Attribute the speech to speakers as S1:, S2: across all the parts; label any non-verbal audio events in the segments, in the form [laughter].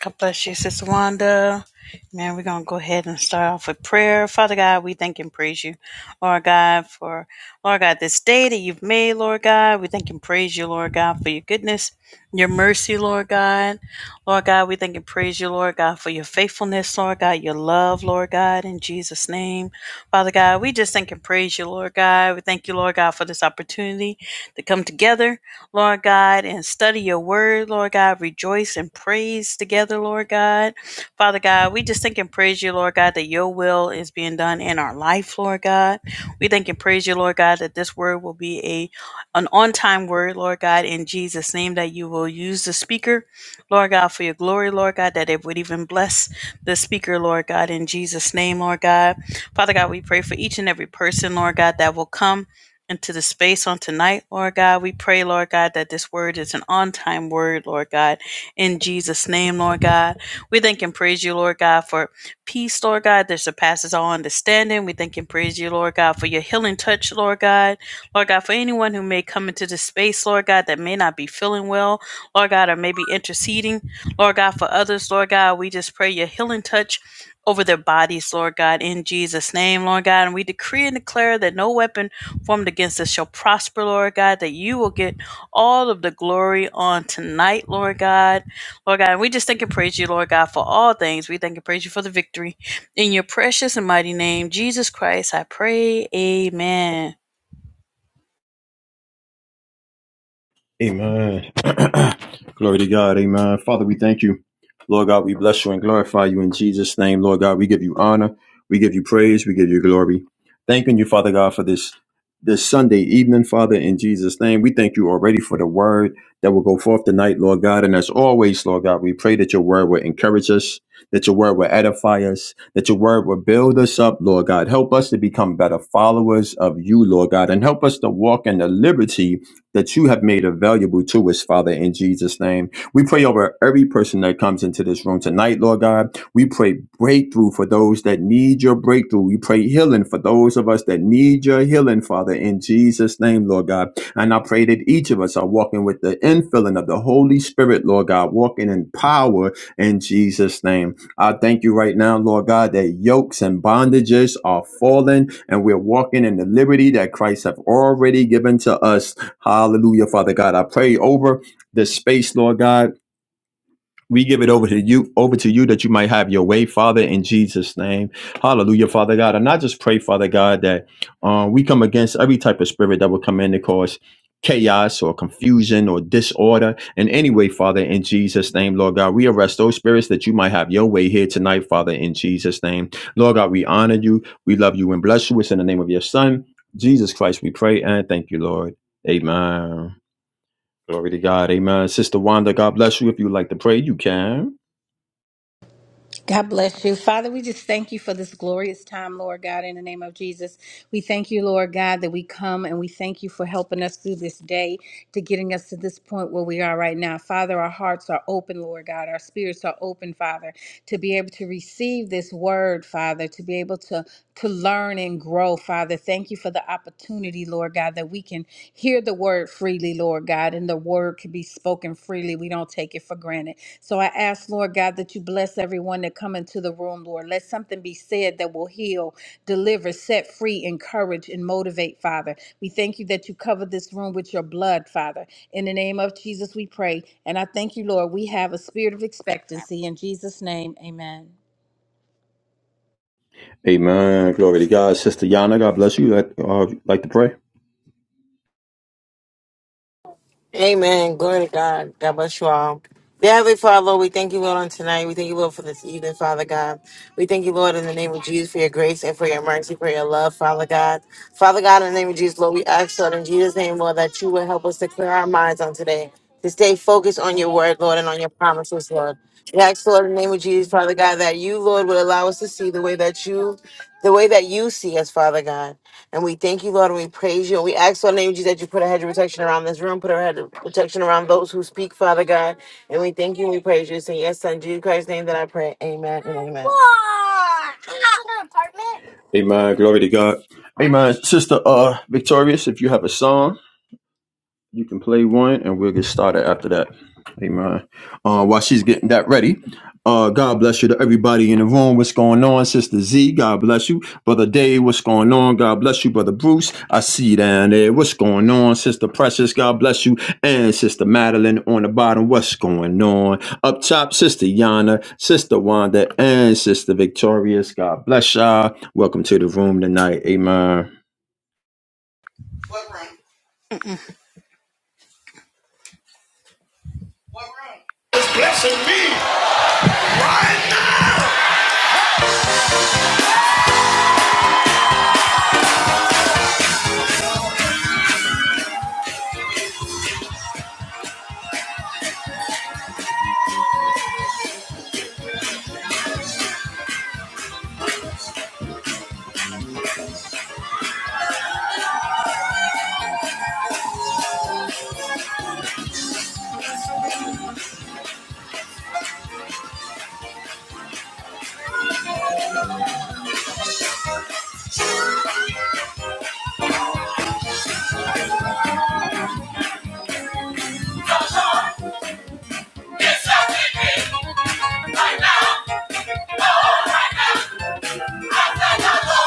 S1: God bless you, Sister Wanda. Man, we're going to go ahead and start off with prayer. Father God, we thank and praise you, Lord God, for, Lord God, this day that you've made, Lord God. We thank and praise you, Lord God, for your goodness, your mercy, Lord God. Lord God, we thank and praise you, Lord God, for your faithfulness, Lord God, your love, Lord God, in Jesus' name. Father God, we just thank and praise you, Lord God. We thank you, Lord God, for this opportunity to come together Lord God, and study your word, Lord God. Rejoice and praise together, Lord God. Father God, we just thank and praise you, Lord God, that your will is being done in our life, Lord God. We thank and praise you, Lord God, that this word will be a an on-time word, Lord God, in Jesus' name, that you will use the speaker, Lord God, for your glory, Lord God, that it would even bless the speaker, Lord God, in Jesus' name, Lord God. Father God, we pray for each and every person, Lord God, that will come into the space on tonight, Lord God. We pray, Lord God, that this word is an on time word, Lord God, in Jesus' name, Lord God. We thank and praise you, Lord God, for peace, Lord God, that surpasses all understanding. We thank and praise you, Lord God, for your healing touch, Lord God. Lord God, for anyone who may come into this space, Lord God, that may not be feeling well, Lord God, or maybe interceding, Lord God, for others, Lord God, we just pray your healing touch. Over their bodies, Lord God, in Jesus' name, Lord God. And we decree and declare that no weapon formed against us shall prosper, Lord God, that you will get all of the glory on tonight, Lord God. Lord God, and we just thank and praise you, Lord God, for all things. We thank and praise you for the victory. In your precious and mighty name, Jesus Christ, I pray. Amen.
S2: Amen. [clears throat] Glory to God. Amen. Father, we thank you. Lord God, we bless you and glorify you in Jesus' name. Lord God, we give you honor. We give you praise. We give you glory. Thanking you, Father God, for this this Sunday evening, Father, in Jesus' name. We thank you already for the word that will go forth tonight, Lord God. And as always, Lord God, we pray that your word will encourage us, that your word will edify us, that your word will build us up, Lord God. Help us to become better followers of you, Lord God, and help us to walk in the liberty that you have made available to us, Father, in Jesus' name. We pray over every person that comes into this room tonight, Lord God. We pray breakthrough for those that need your breakthrough. We pray healing for those of us that need your healing, Father, in Jesus' name, Lord God. And I pray that each of us are walking with the infilling of the Holy Spirit, Lord God, walking in power in Jesus' name. I thank you right now, Lord God, that yokes and bondages are falling and we're walking in the liberty that Christ have already given to us Hallelujah, Father God. I pray over this space, Lord God. We give it over to you, over to you that you might have your way, Father, in Jesus' name. Hallelujah, Father God. And I just pray, Father God, that um, we come against every type of spirit that will come in to cause chaos or confusion or disorder in any way, Father, in Jesus' name, Lord God. We arrest those spirits that you might have your way here tonight, Father, in Jesus' name. Lord God, we honor you, we love you, and bless you. It's in the name of your Son, Jesus Christ, we pray and thank you, Lord. Amen. Glory to God. Amen. Sister Wanda, God bless you. If you would like to pray, you can.
S3: God bless you. Father, we just thank you for this glorious time, Lord God, in the name of Jesus. We thank you, Lord God, that we come and we thank you for helping us through this day to getting us to this point where we are right now. Father, our hearts are open, Lord God. Our spirits are open, Father, to be able to receive this word, Father, to be able to to learn and grow, Father. Thank you for the opportunity, Lord God, that we can hear the word freely, Lord God, and the word can be spoken freely. We don't take it for granted. So I ask, Lord God, that you bless everyone that come into the room, Lord. Let something be said that will heal, deliver, set free, encourage, and motivate, Father. We thank you that you cover this room with your blood, Father. In the name of Jesus, we pray. And I thank you, Lord, we have a spirit of expectancy. In Jesus' name, amen.
S2: Amen. Glory to God. Sister Yana, God bless you. Like, uh, like to pray.
S4: Amen. Glory to God. God bless you all. Dear Heavenly Father, Lord, we thank you, Lord, on tonight. We thank you, Lord, for this evening, Father God. We thank you, Lord, in the name of Jesus, for your grace and for your mercy, for your love, Father God. Father God, in the name of Jesus, Lord, we ask, Lord, in Jesus' name, Lord, that you will help us to clear our minds on today, to stay focused on your word, Lord, and on your promises, Lord. We ask, Lord, in the name of Jesus, Father God, that you, Lord, would allow us to see the way that you the way that you see us, Father God. And we thank you, Lord, and we praise you. And we ask, Lord, in the name of Jesus, that you put a hedge of protection around this room, put a hedge of protection around those who speak, Father God. And we thank you and we praise you. It's in your son, Jesus Christ's name that I pray. Amen and amen.
S2: Amen. Glory to God. Amen. Sister uh, Victorious, if you have a song. You can play one, and we'll get started after that. Amen. Uh, while she's getting that ready, uh, God bless you to everybody in the room. What's going on, Sister Z? God bless you, Brother Dave. What's going on? God bless you, Brother Bruce. I see you down there. What's going on, Sister Precious? God bless you, and Sister Madeline on the bottom. What's going on? Up top, Sister Yana, Sister Wanda, and Sister Victorious. God bless y'all. Welcome to the room tonight. Amen.
S1: It's blessing me right now. It's blessing me right now. Oh, right now. right now. Oh,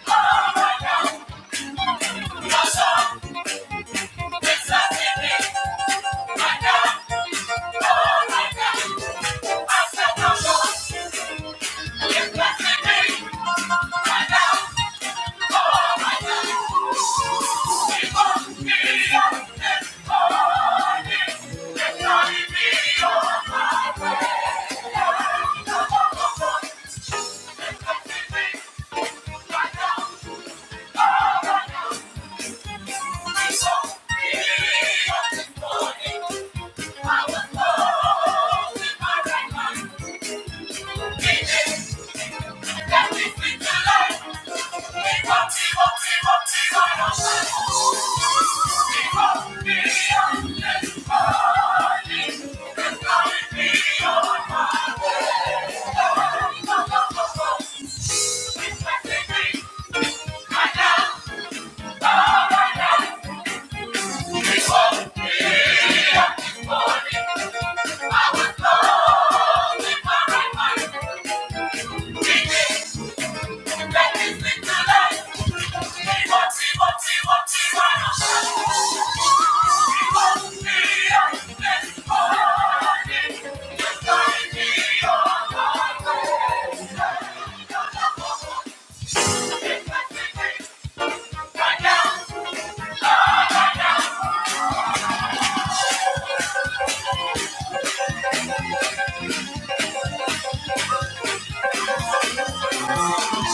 S1: Thank you. Thank you. Thank you. Thank you. Thank you.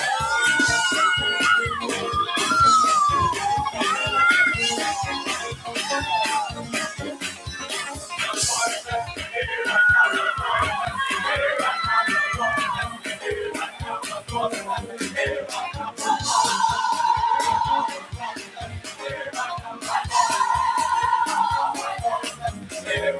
S1: Just wanna hear it right now. Hear it right now. Just wanna hear it right now. Hear it right now. Thank you.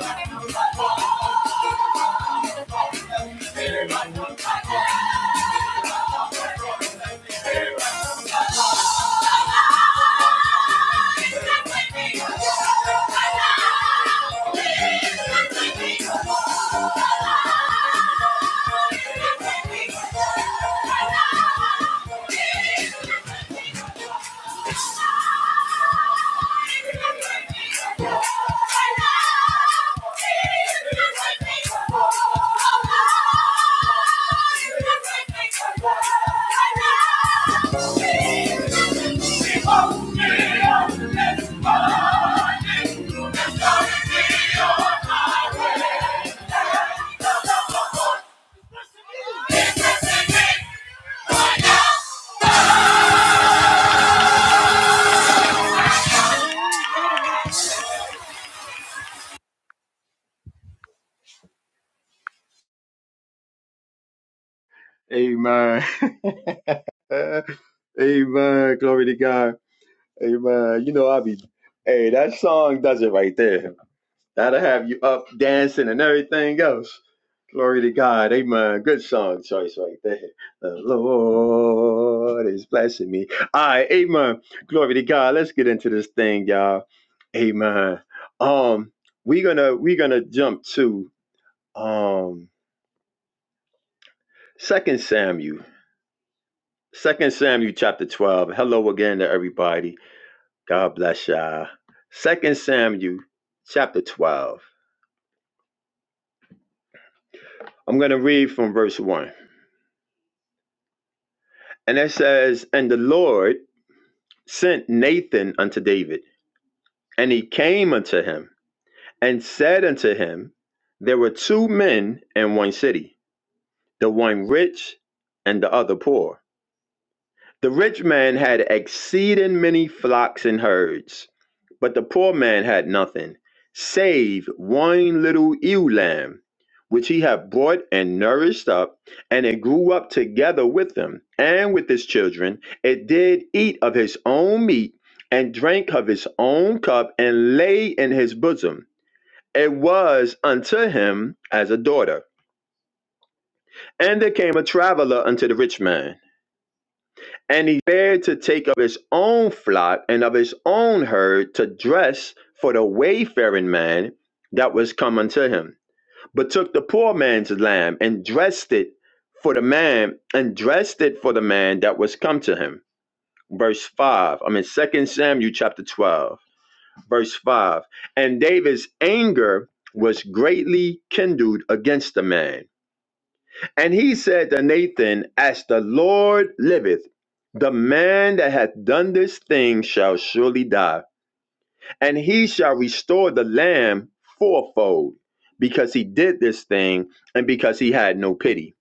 S2: Amen. [laughs] [laughs] Amen. Glory to God. Amen. You know, i be, hey, that song does it right there. That'll have you up dancing and everything else. Glory to God. Amen. Good song choice right there. The Lord is blessing me. All right. Amen. Glory to God. Let's get into this thing, y'all. Amen. Um, we're gonna we're gonna jump to um Second Samuel. Second Samuel chapter 12. Hello again to everybody. God bless y'all. Second Samuel chapter 12. I'm going to read from verse 1. And it says, And the Lord sent Nathan unto David, and he came unto him, and said unto him, There were two men in one city, the one rich and the other poor. The rich man had exceeding many flocks and herds, but the poor man had nothing, save one little ewe lamb, which he had brought and nourished up, and it grew up together with him and with his children. It did eat of his own meat, and drank of his own cup, and lay in his bosom. It was unto him as a daughter. And there came a traveler unto the rich man And he fared to take of his own flock and of his own herd to dress for the wayfaring man that was come unto him, but took the poor man's lamb and dressed it for the man and dressed it for the man that was come to him. Verse 5. I'm in Second Samuel chapter 12, verse 5. And David's anger was greatly kindled against the man and he said to Nathan, As the Lord liveth, the man that hath done this thing shall surely die, and he shall restore the lamb fourfold, because he did this thing, and because he had no pity.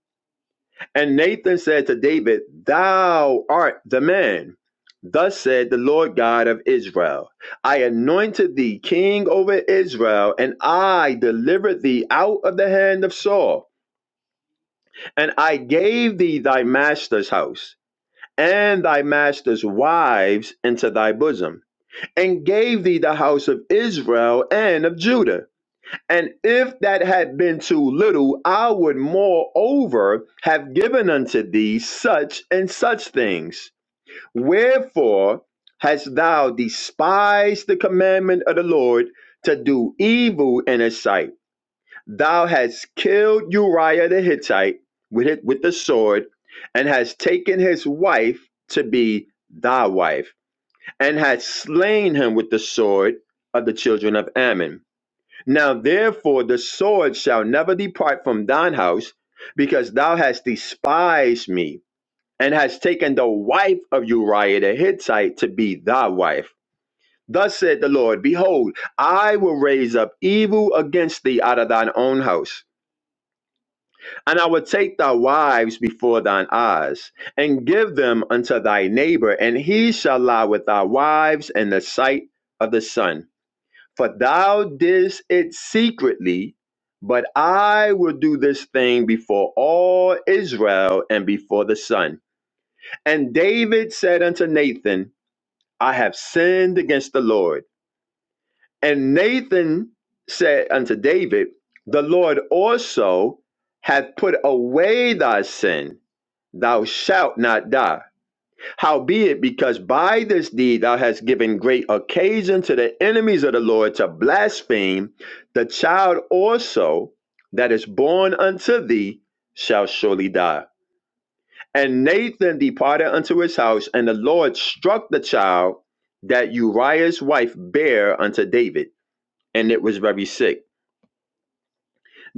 S2: And Nathan said to David, Thou art the man. Thus said the Lord God of Israel I anointed thee king over Israel, and I delivered thee out of the hand of Saul. And I gave thee thy master's house and thy master's wives into thy bosom, and gave thee the house of Israel and of Judah. And if that had been too little, I would moreover have given unto thee such and such things. Wherefore hast thou despised the commandment of the Lord to do evil in his sight? Thou hast killed Uriah the Hittite with it with the sword, and hast taken his wife to be thy wife, and hast slain him with the sword of the children of Ammon. Now therefore the sword shall never depart from thine house, because thou hast despised me, and hast taken the wife of Uriah the Hittite to be thy wife. Thus said the Lord, Behold, I will raise up evil against thee out of thine own house And I will take thy wives before thine eyes, and give them unto thy neighbor, and he shall lie with thy wives in the sight of the sun. For thou didst it secretly, but I will do this thing before all Israel and before the sun. And David said unto Nathan, I have sinned against the Lord. And Nathan said unto David, The Lord also hath put away thy sin thou shalt not die. Howbeit, because by this deed thou hast given great occasion to the enemies of the Lord to blaspheme, the child also that is born unto thee shall surely die. And Nathan departed unto his house, and the Lord struck the child that Uriah's wife bare unto David, and it was very sick.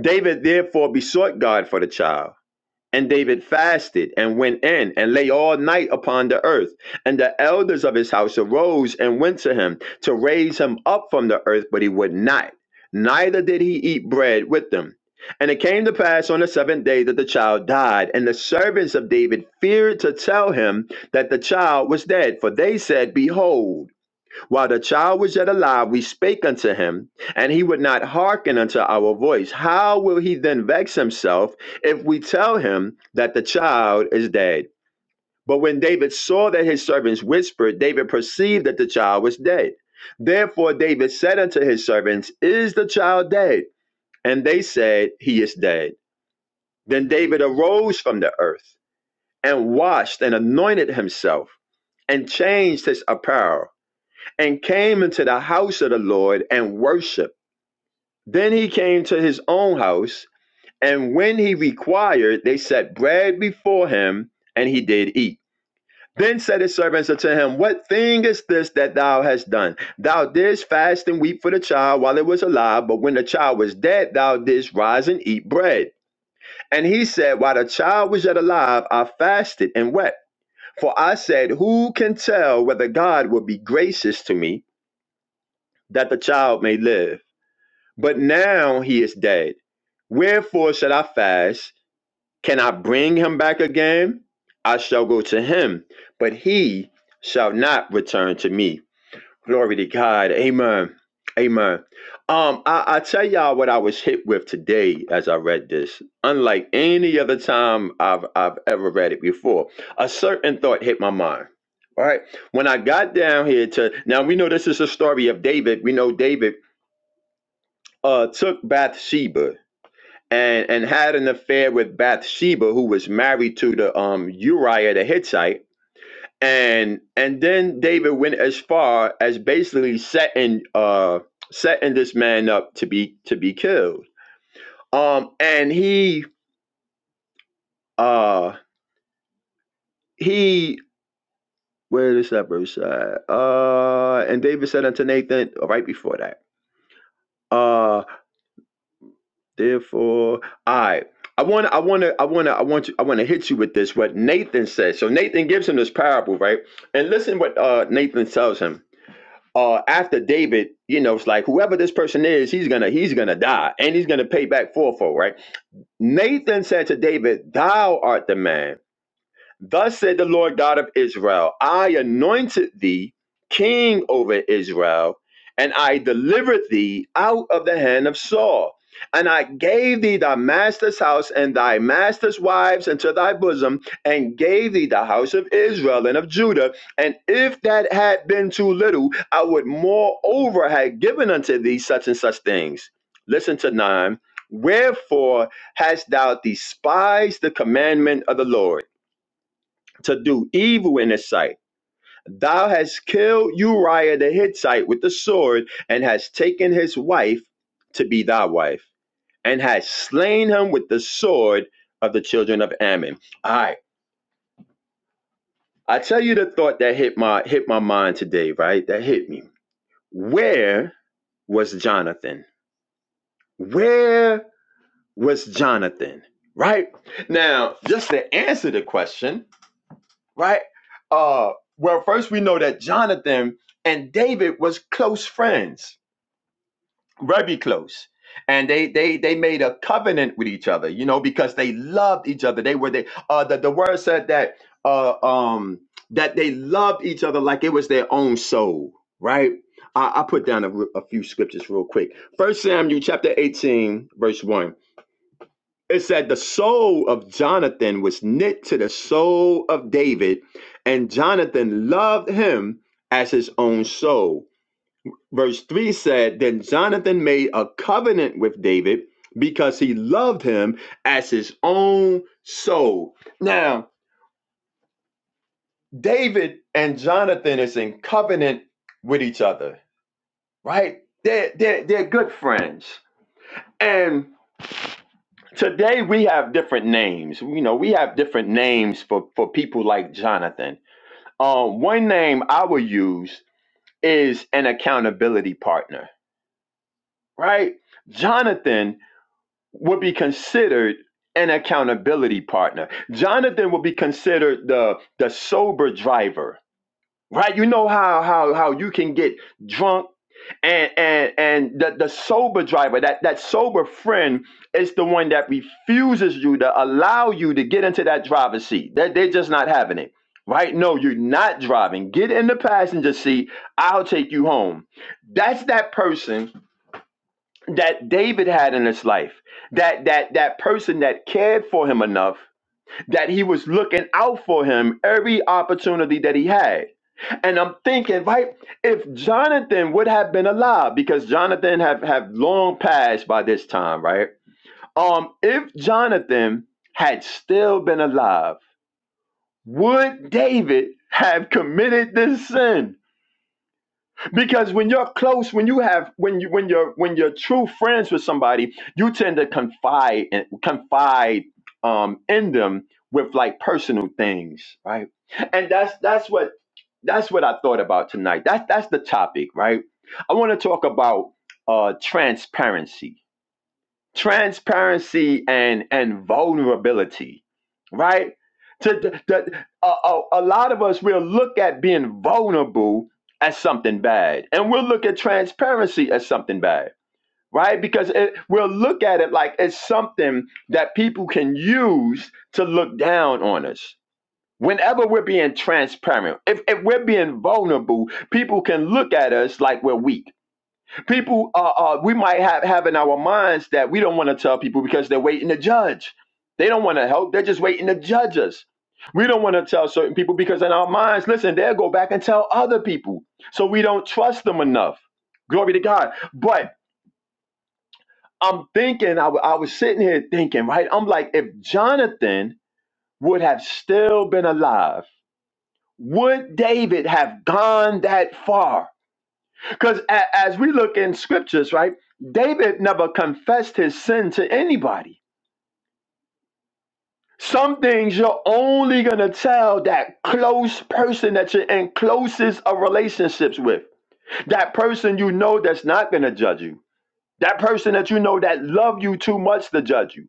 S2: David therefore besought God for the child. And David fasted and went in and lay all night upon the earth. And the elders of his house arose and went to him to raise him up from the earth, but he would not. Neither did he eat bread with them. And it came to pass on the seventh day that the child died. And the servants of David feared to tell him that the child was dead, for they said, Behold, while the child was yet alive, we spake unto him, and he would not hearken unto our voice. How will he then vex himself if we tell him that the child is dead? But when David saw that his servants whispered, David perceived that the child was dead. Therefore David said unto his servants, Is the child dead? And they said, He is dead. Then David arose from the earth and washed and anointed himself and changed his apparel and came into the house of the Lord and worshiped. Then he came to his own house, and when he required, they set bread before him, and he did eat. Then said his servants unto him, What thing is this that thou hast done? Thou didst fast and weep for the child while it was alive, but when the child was dead, thou didst rise and eat bread. And he said, While the child was yet alive, I fasted and wept. For I said, Who can tell whether God will be gracious to me, that the child may live? But now he is dead. Wherefore should I fast? Can I bring him back again? I shall go to him, but he shall not return to me. Glory to God. Amen. Amen. Um, I, I tell y'all what I was hit with today as I read this. Unlike any other time I've I've ever read it before, a certain thought hit my mind. All right. When I got down here to now we know this is a story of David. We know David uh took Bathsheba and and had an affair with Bathsheba, who was married to the um Uriah the Hittite. And and then David went as far as basically setting uh setting this man up to be to be killed. Um and he uh he where is that verse at? Uh and David said unto Nathan right before that. uh. Therefore, I I want I want to I want to I want you I want to hit you with this what Nathan says. So Nathan gives him this parable, right? And listen what uh Nathan tells him. Uh after David, you know, it's like whoever this person is, he's going to he's going to die and he's going to pay back fourfold, right? Nathan said to David, "Thou art the man." Thus said the Lord God of Israel I anointed thee king over Israel, and I delivered thee out of the hand of Saul. And I gave thee thy master's house and thy master's wives into thy bosom, and gave thee the house of Israel and of Judah. And if that had been too little, I would moreover have given unto thee such and such things. Listen to nine. Wherefore hast thou despised the commandment of the Lord? to do evil in his sight. Thou hast killed Uriah the Hittite with the sword, and hast taken his wife to be thy wife, and hast slain him with the sword of the children of Ammon. All right, I tell you the thought that hit my hit my mind today, right? That hit me. Where was Jonathan? Where was Jonathan? Right now, just to answer the question, right? Uh, well, first we know that Jonathan and David was close friends, very close, and they they they made a covenant with each other, you know, because they loved each other. They were they uh, the the word said that uh um that they loved each other like it was their own soul, right? I, I put down a, a few scriptures real quick. First Samuel chapter eighteen, verse one. It said the soul of Jonathan was knit to the soul of David, and Jonathan loved him as his own soul. Verse 3 said, Then Jonathan made a covenant with David because he loved him as his own soul. Now, David and Jonathan is in covenant with each other, right? They're, they're, they're good friends. And Today we have different names. You know, we have different names for for people like Jonathan. Um, one name I will use is an accountability partner, right? Jonathan would be considered an accountability partner. Jonathan would be considered the the sober driver right? You know how how how you can get drunk and and and the, the sober driver, that that sober friend is the one that refuses you to allow you to get into that driver's seat. That they're just not having it. Right? No, you're not driving. Get in the passenger seat. I'll take you home. That's that person that David had in his life. That that that person that cared for him enough that he was looking out for him every opportunity that he had and I'm thinking, right, if Jonathan would have been alive, because Jonathan have, have long passed by this time, right? Um, if Jonathan had still been alive, would David have committed this sin? because when you're close when you have when you when you're when you're true friends with somebody you tend to confide and confide um in them with like personal things right and that's that's what that's what i thought about tonight that's that's the topic right i want to talk about uh transparency transparency and and vulnerability right to, to, to- a, a, a lot of us will look at being vulnerable as something bad and we'll look at transparency as something bad right because it, we'll look at it like it's something that people can use to look down on us whenever we're being transparent if, if we're being vulnerable people can look at us like we're weak people uh, uh we might have have in our minds that we don't want to tell people because they're waiting to judge they don't want to help they're just waiting to judge us we don't want to tell certain people because in our minds listen they'll go back and tell other people so we don't trust them enough glory to god but i'm thinking i, w- I was sitting here thinking right i'm like if jonathan would have still been alive would david have gone that far Because a- as we look in scriptures, right, David never confessed his sin to anybody. Some things you're only going to tell that close person that you're in closest of relationships with, that person you know that's not going to judge you, that person that you know that love you too much to judge you.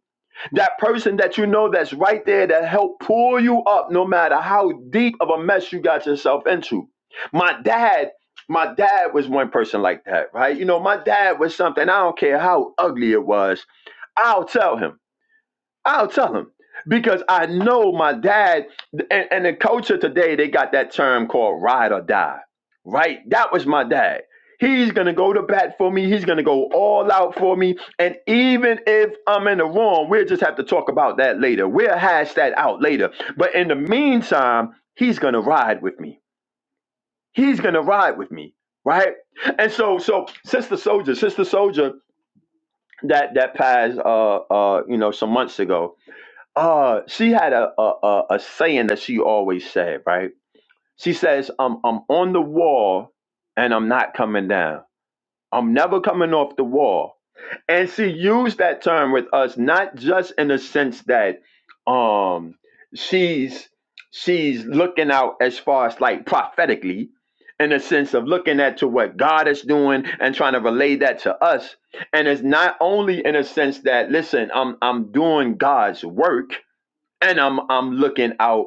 S2: that person that you know that's right there that helped pull you up no matter how deep of a mess you got yourself into my dad my dad was one person like that right you know my dad was something i don't care how ugly it was i'll tell him I'll tell him because I know my dad and, and the culture today. They got that term called ride or die, right? That was my dad. He's gonna go to bat for me. He's gonna go all out for me. And even if I'm in the wrong, we'll just have to talk about that later. We'll hash that out later. But in the meantime, he's gonna ride with me. He's gonna ride with me, right? And so, so sister soldier, sister soldier, that that passed, uh, uh, you know, some months ago uh, she had a, a a a saying that she always said, right? She says, "I'm I'm on the wall, and I'm not coming down. I'm never coming off the wall." And she used that term with us, not just in the sense that, um, she's she's looking out as far as like prophetically, in the sense of looking at to what God is doing and trying to relay that to us. And it's not only in a sense that, listen, I'm I'm doing God's work and I'm I'm looking out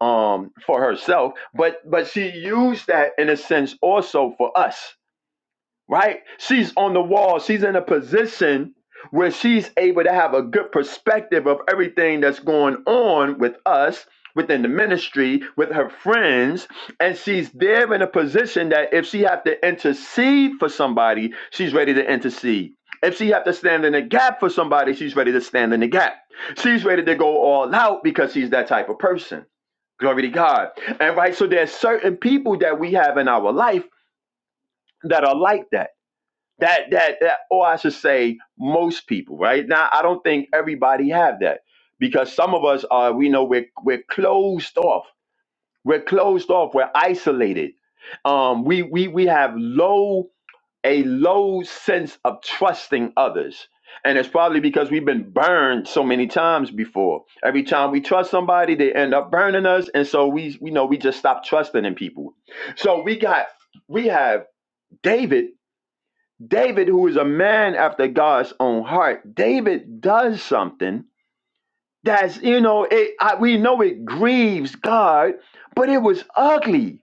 S2: um for herself but but she used that in a sense also for us right? She's on the wall. She's in a position where she's able to have a good perspective of everything that's going on with us within the ministry with her friends and she's there in a position that if she have to intercede for somebody she's ready to intercede if she have to stand in the gap for somebody she's ready to stand in the gap she's ready to go all out because she's that type of person glory to god and right so there's certain people that we have in our life that are like that that that that or i should say most people right now i don't think everybody have that because some of us are we know we're we're closed off we're closed off we're isolated um we we we have low a low sense of trusting others and it's probably because we've been burned so many times before every time we trust somebody they end up burning us and so we you know we just stop trusting in people so we got we have david David, who is a man after God's own heart, David does something that's, you know, it, I, we know it grieves God, but it was ugly.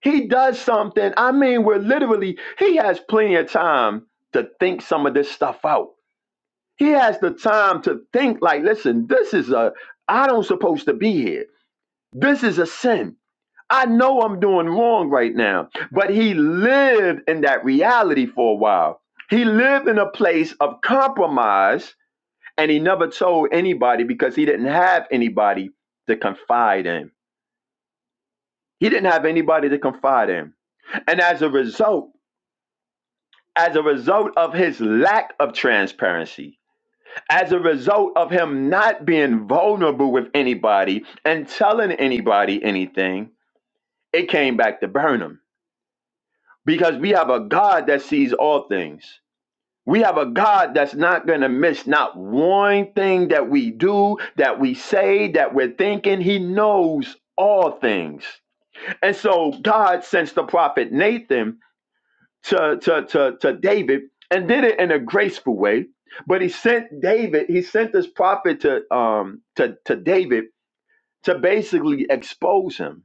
S2: He does something, I mean, where literally he has plenty of time to think some of this stuff out. He has the time to think, like, listen, this is a, I don't supposed to be here. This is a sin. I know I'm doing wrong right now. But he lived in that reality for a while. He lived in a place of compromise and he never told anybody because he didn't have anybody to confide in. He didn't have anybody to confide in. And as a result, as a result of his lack of transparency, as a result of him not being vulnerable with anybody and telling anybody anything, it came back to burn him because we have a God that sees all things. We have a God that's not going to miss not one thing that we do, that we say, that we're thinking. He knows all things. And so God sends the prophet Nathan to, to, to, to David and did it in a graceful way. But he sent David, he sent this prophet to um to, to David to basically expose him.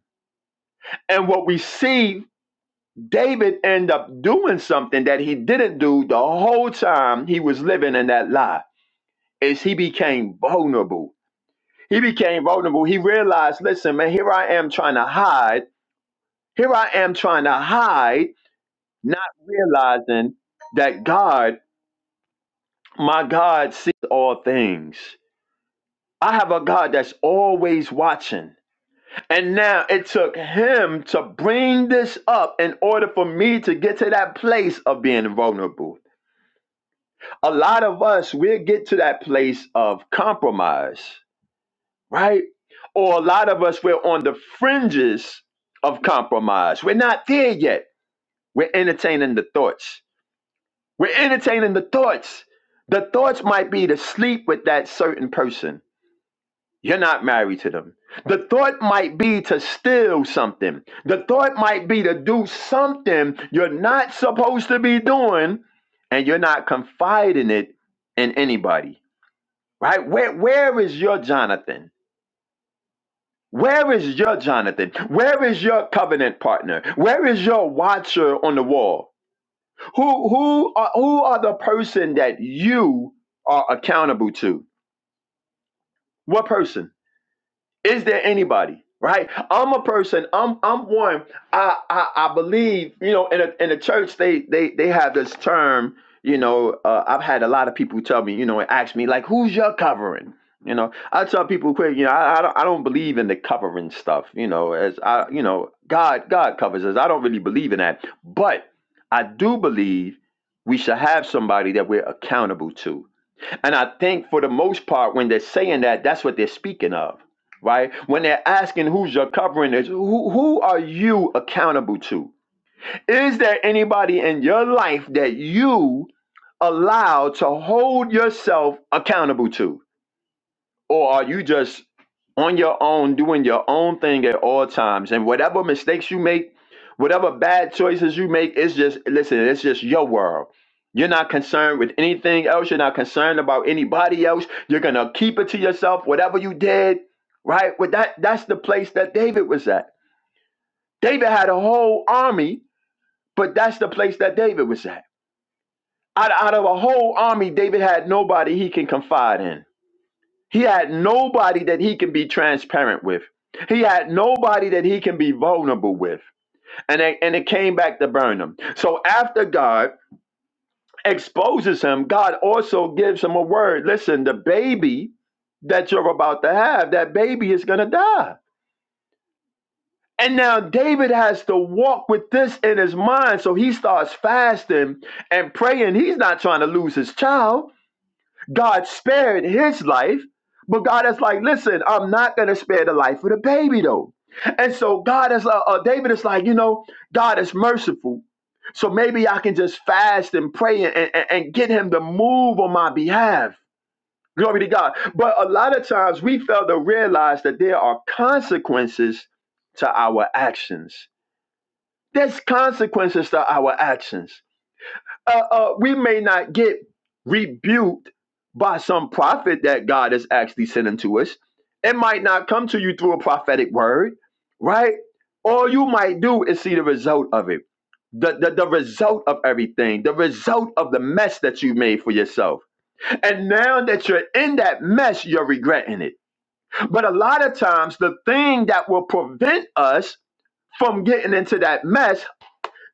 S2: And what we see David ended up doing something that he didn't do the whole time he was living in that lie. Is he became vulnerable. He became vulnerable. He realized, listen, man, here I am trying to hide. Here I am trying to hide, not realizing that God, my God, sees all things. I have a God that's always watching. And now it took him to bring this up in order for me to get to that place of being vulnerable. a lot of us we'll get to that place of compromise right or a lot of us we're on the fringes of compromise we're not there yet we're entertaining the thoughts we're entertaining the thoughts the thoughts might be to sleep with that certain person you're not married to them the thought might be to steal something the thought might be to do something you're not supposed to be doing and you're not confiding it in anybody right? Where where is your Jonathan? Where is your Jonathan? Where is your covenant partner? Where is your watcher on the wall? Who who are, who are the person that you are accountable to? What person? Is there anybody? Right? I'm a person. I'm I'm one. I I, I believe you know in a, in the church they they they have this term. You know, uh, I've had a lot of people tell me, you know, and ask me like, who's your covering? You know, I tell people quick, you know, I, I don't I don't believe in the covering stuff. You know, as I you know, God God covers us. I don't really believe in that, but I do believe we should have somebody that we're accountable to and I think for the most part, when they're saying that, that's what they're speaking of, right? When they're asking who's your covering is, who, who are you accountable to? Is there anybody in your life that you allow to hold yourself accountable to? Or are you just on your own doing your own thing at all times? And whatever mistakes you make, whatever bad choices you make, it's just, listen, it's just your world. You're not concerned with anything else. You're not concerned about anybody else. You're going to keep it to yourself, whatever you did, right? But that, that's the place that David was at. David had a whole army, but that's the place that David was at. Out, out of a whole army, David had nobody he can confide in he had nobody that he can be transparent with. He had nobody that he can be vulnerable with. And it, and it came back to burn him. So after God exposes him, God also gives him a word. Listen, the baby that you're about to have, that baby is going to die. And now David has to walk with this in his mind. So he starts fasting and praying. He's not trying to lose his child. God spared his life, but God is like, listen, I'm not going to spare the life of the baby though. And so God is, uh, uh, David is like, you know, God is merciful. So maybe I can just fast and pray and, and, and get him to move on my behalf. Glory to God. But a lot of times we fail to realize that there are consequences to our actions. There's consequences to our actions uh, uh, we may not get rebuked by some prophet that God is actually sending to us. It might not come to you through a prophetic word, right? All you might do is see the result of it, the, the, the result of everything, the result of the mess that you made for yourself. And now that you're in that mess, you're regretting it. But a lot of times, the thing that will prevent us from getting into that mess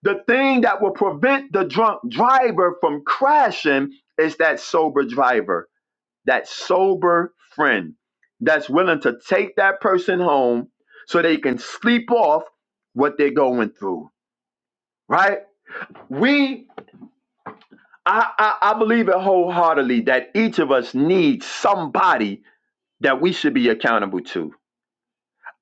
S2: the thing that will prevent the drunk driver from crashing is that sober driver, that sober friend that's willing to take that person home so they can sleep off what they're going through, right? We, I, I, I believe it wholeheartedly that each of us needs somebody that we should be accountable to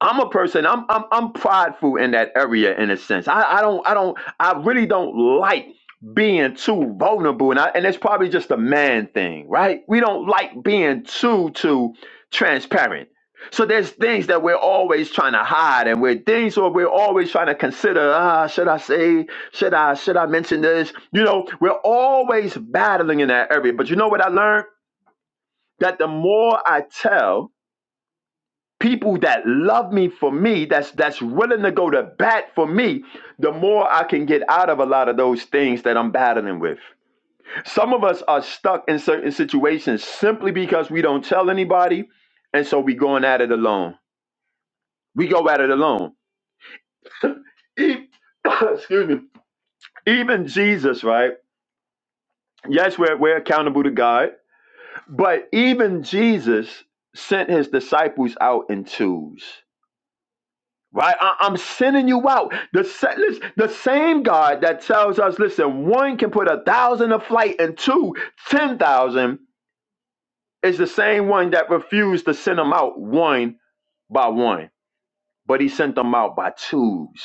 S2: I'm a person. I'm I'm I'm prideful in that area in a sense. I, I don't I don't I really don't like being too vulnerable, and I, and it's probably just a man thing, right? We don't like being too too transparent. So there's things that we're always trying to hide, and we're things or we're always trying to consider. Ah, should I say? Should I should I mention this? You know, we're always battling in that area. But you know what I learned? That the more I tell, people that love me for me that's that's willing to go to bat for me the more i can get out of a lot of those things that i'm battling with some of us are stuck in certain situations simply because we don't tell anybody and so we going at it alone we go at it alone E- [coughs] excuse me even jesus right yes we're, we're accountable to god but even jesus sent his disciples out in twos Right? I, am sending you out. The, sa- lis- the same God that tells us, listen, one can put a thousand to flight and two, ten thousand, is the same one that refused to send them out one by one. But he sent them out by twos.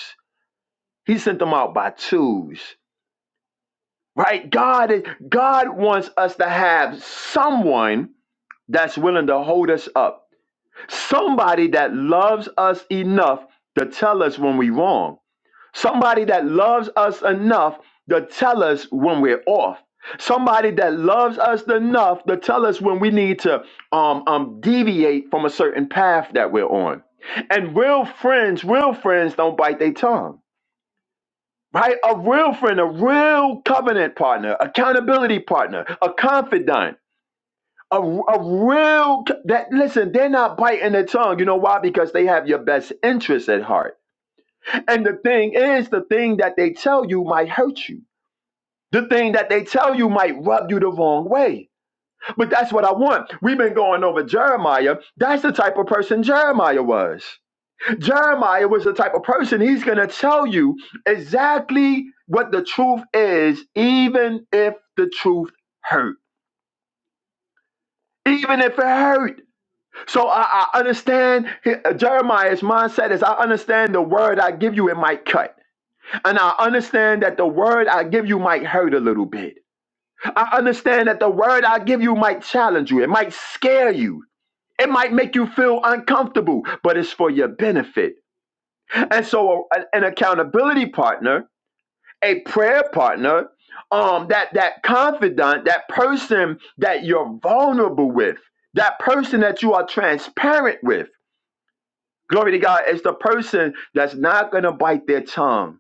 S2: He sent them out by twos. Right? God is God wants us to have someone that's willing to hold us up. Somebody that loves us enough to tell us when we wrong Somebody that loves us enough to tell us when we're off. Somebody that loves us enough to tell us when we need to um, um, deviate from a certain path that we're on. And real friends, real friends don't bite their tongue, right? A real friend, a real covenant partner, accountability partner, a confidant, a, a real, that listen, they're not biting their tongue. You know why? Because they have your best interest at heart. And the thing is, the thing that they tell you might hurt you The thing that they tell you might rub you the wrong way. But that's what I want. We've been going over Jeremiah. That's the type of person Jeremiah was. Jeremiah was the type of person he's going to tell you exactly what the truth is, even if the truth hurt. Even if it hurt. So I, I understand he- uh, Jeremiah's mindset is I understand the word I give you, it might cut. And I understand that the word I give you might hurt a little bit. I understand that the word I give you might challenge you. It might scare you. It might make you feel uncomfortable, but it's for your benefit. And so, a- an accountability partner, a prayer partner, um, that that confidant, that person that you're vulnerable with, that person that you are transparent with. Glory to God is the person that's not gonna bite their tongue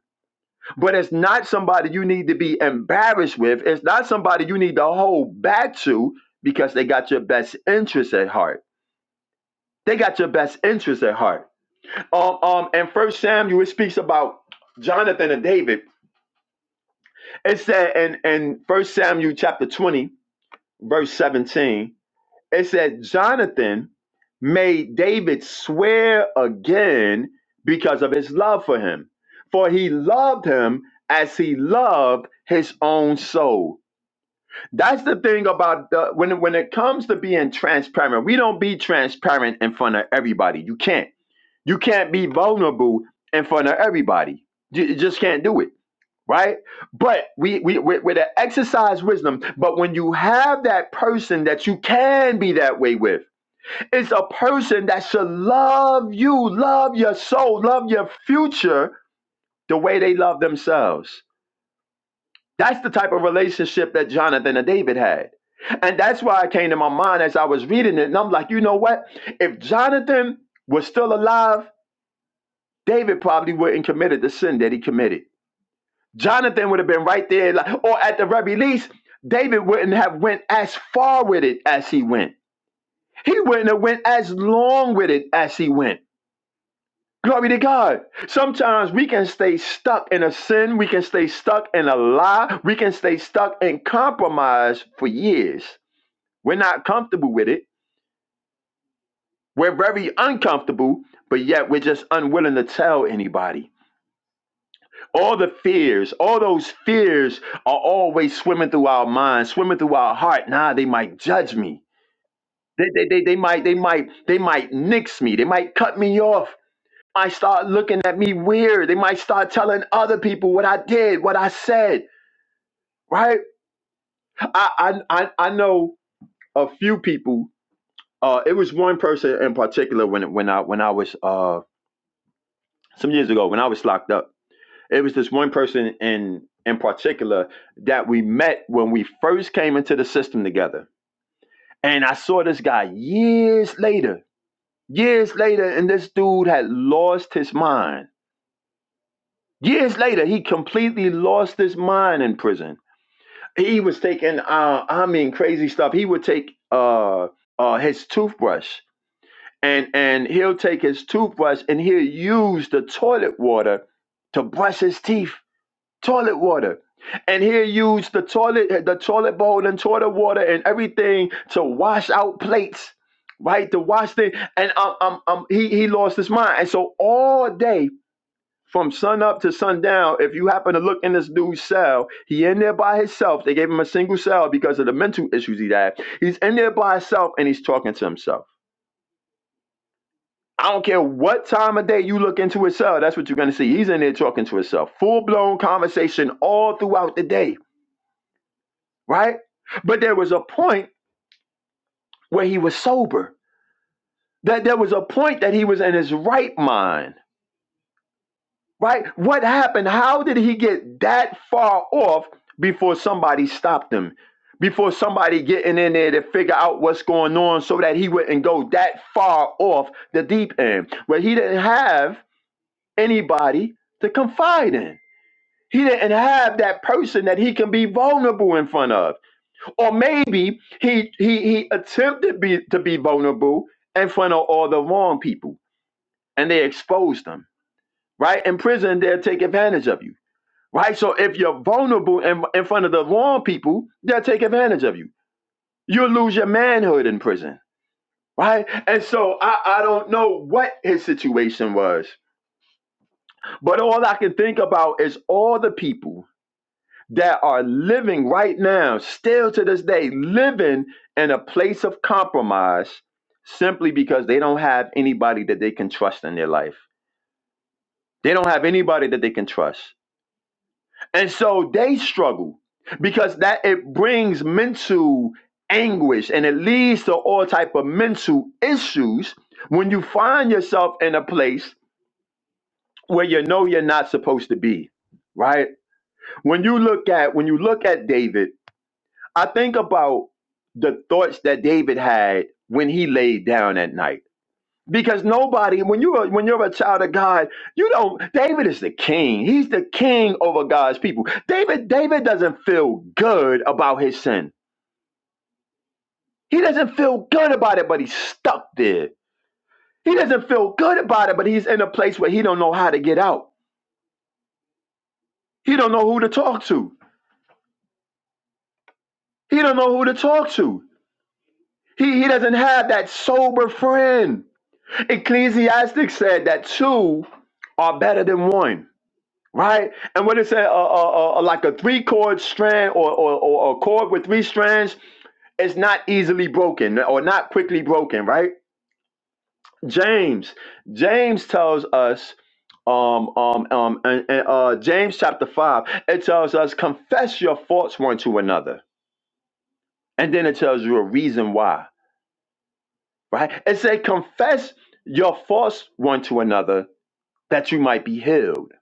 S2: but it's not somebody you need to be embarrassed with. It's not somebody you need to hold back to because they got your best interest at heart. They got your best interest at heart. Um, um, and First Samuel it speaks about Jonathan and David. It said in in First Samuel chapter twenty, verse seventeen. It said Jonathan made David swear again because of his love for him, for he loved him as he loved his own soul. That's the thing about the, when when it comes to being transparent. We don't be transparent in front of everybody. You can't. You can't be vulnerable in front of everybody. You, you just can't do it, right? But we we we with an exercise wisdom. But when you have that person that you can be that way with, it's a person that should love you, love your soul, love your future the way they love themselves. That's the type of relationship that Jonathan and David had. And that's why it came to my mind as I was reading it. And I'm like, you know what? If Jonathan was still alive, David probably wouldn't committed the sin that he committed. Jonathan would have been right there, like, or at the very least, David wouldn't have went as far with it as he went. He wouldn't have went as long with it as he went. Glory to God. Sometimes we can stay stuck in a sin. We can stay stuck in a lie. We can stay stuck in compromise for years. We're not comfortable with it. We're very uncomfortable, but yet we're just unwilling to tell anybody. All the fears, all those fears are always swimming through our minds, swimming through our heart. Nah, they might judge me. They, they, they, they might they might they might nix me. They might cut me off. might start looking at me weird. They might start telling other people what I did, what I said, right? I I I, I know a few people. Uh, it was one person in particular when when I when I was uh some years ago when I was locked up. It was this one person in in particular that we met when we first came into the system together, and I saw this guy years later. Years later, and this dude had lost his mind. Years later, he completely lost his mind in prison he was taking uh I mean crazy stuff. He would take uh uh his toothbrush and and he'll take his toothbrush and he'll use the toilet water to brush his teeth. Toilet water. And he'll use the toilet the toilet bowl and toilet water and everything to wash out plates. Right to wash things, and um, um, um, he he lost his mind, and so all day from sun up to sundown, if you happen to look in this dude's cell, he in there by himself. They gave him a single cell because of the mental issues he had. He's in there by himself and he's talking to himself. I don't care what time of day you look into his cell, that's what you're gonna see. He's in there talking to himself. Full blown conversation all throughout the day, right? But there was a point where he was sober. That there was a point that he was in his right mind Right? What happened? How did he get that far off before somebody stopped him? Before somebody getting in there to figure out what's going on so that he wouldn't go that far off the deep end where he didn't have anybody to confide in. He didn't have that person that he can be vulnerable in front of. Or maybe he he he attempted be, to be vulnerable in front of all the wrong people and they exposed him. Right? In prison, they'll take advantage of you right? So if you're vulnerable in, in front of the wrong people, they'll take advantage of you. You'll lose your manhood in prison, right? And so I, I don't know what his situation was, but all I can think about is all the people that are living right now, still to this day, living in a place of compromise simply because they don't have anybody that they can trust in their life. They don't have anybody that they can trust. And so they struggle because that it brings mental anguish and it leads to all type of mental issues when you find yourself in a place where you know you're not supposed to be, right? When you look at when you look at David, I think about the thoughts that David had when he laid down at night because nobody, when you're when you're a child of God, you don't. David is the king. He's the king over God's people. David, David doesn't feel good about his sin. He doesn't feel good about it, but he's stuck there. He doesn't feel good about it, but he's in a place where he don't know how to get out. He don't know who to talk to. He don't know who to talk to. He he doesn't have that sober friend. Ecclesiastic said that two are better than one. Right? And what it said, uh, uh, uh, uh, like a three chord strand or, or, or a chord with three strands, it's not easily broken or not quickly broken, right? James, James tells us, um, um, um, and, and, uh, James chapter 5, it tells us, confess your faults one to another. And then it tells you a reason why, right? It said, confess your faults one to another that you might be healed.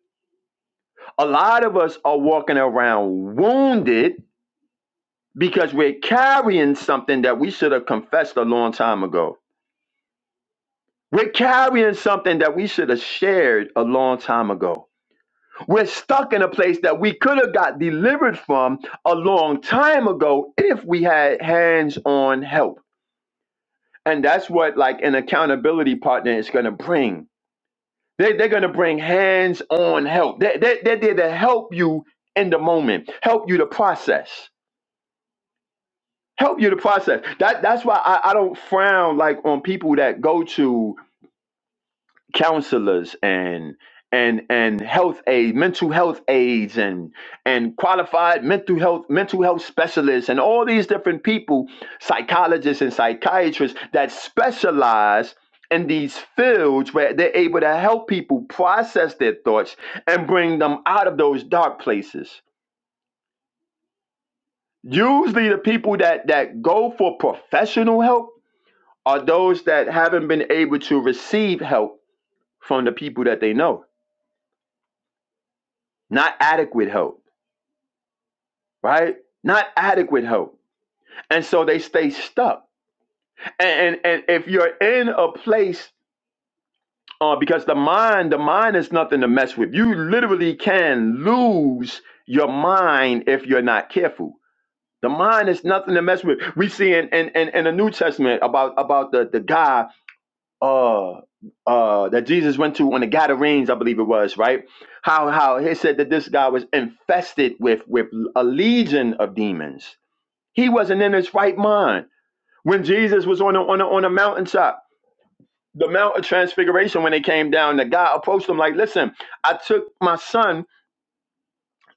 S2: A lot of us are walking around wounded because we're carrying something that we should have confessed a long time ago. We're carrying something that we should have shared a long time ago. We're stuck in a place that we could have got delivered from a long time ago if we had hands on help. And that's what, like, an accountability partner is going to bring. They, they're going to bring hands on help. They, they, they're there to help you in the moment, help you to process. help you to process. That that's why I, I don't frown like on people that go to counselors and and and health aid, mental health aides and and qualified mental health mental health specialists and all these different people, psychologists and psychiatrists that specialize in these fields where they're able to help people process their thoughts and bring them out of those dark places. Usually the people that that go for professional help are those that haven't been able to receive help from the people that they know. Not adequate help, right? Not adequate help. And so they stay stuck. And and, and if you're in a place uh, because the mind, the mind is nothing to mess with. You literally can lose your mind if you're not careful. The mind is nothing to mess with. We see in in, in, in the New Testament about about the, the guy uh uh that Jesus went to on the Gadarenes, I believe it was, right? How how he said that this guy was infested with with a legion of demons. He wasn't in his right mind when Jesus was on a, on a, on a mountaintop. The Mount of Transfiguration, when they came down, the guy approached him like, "Listen, I took my son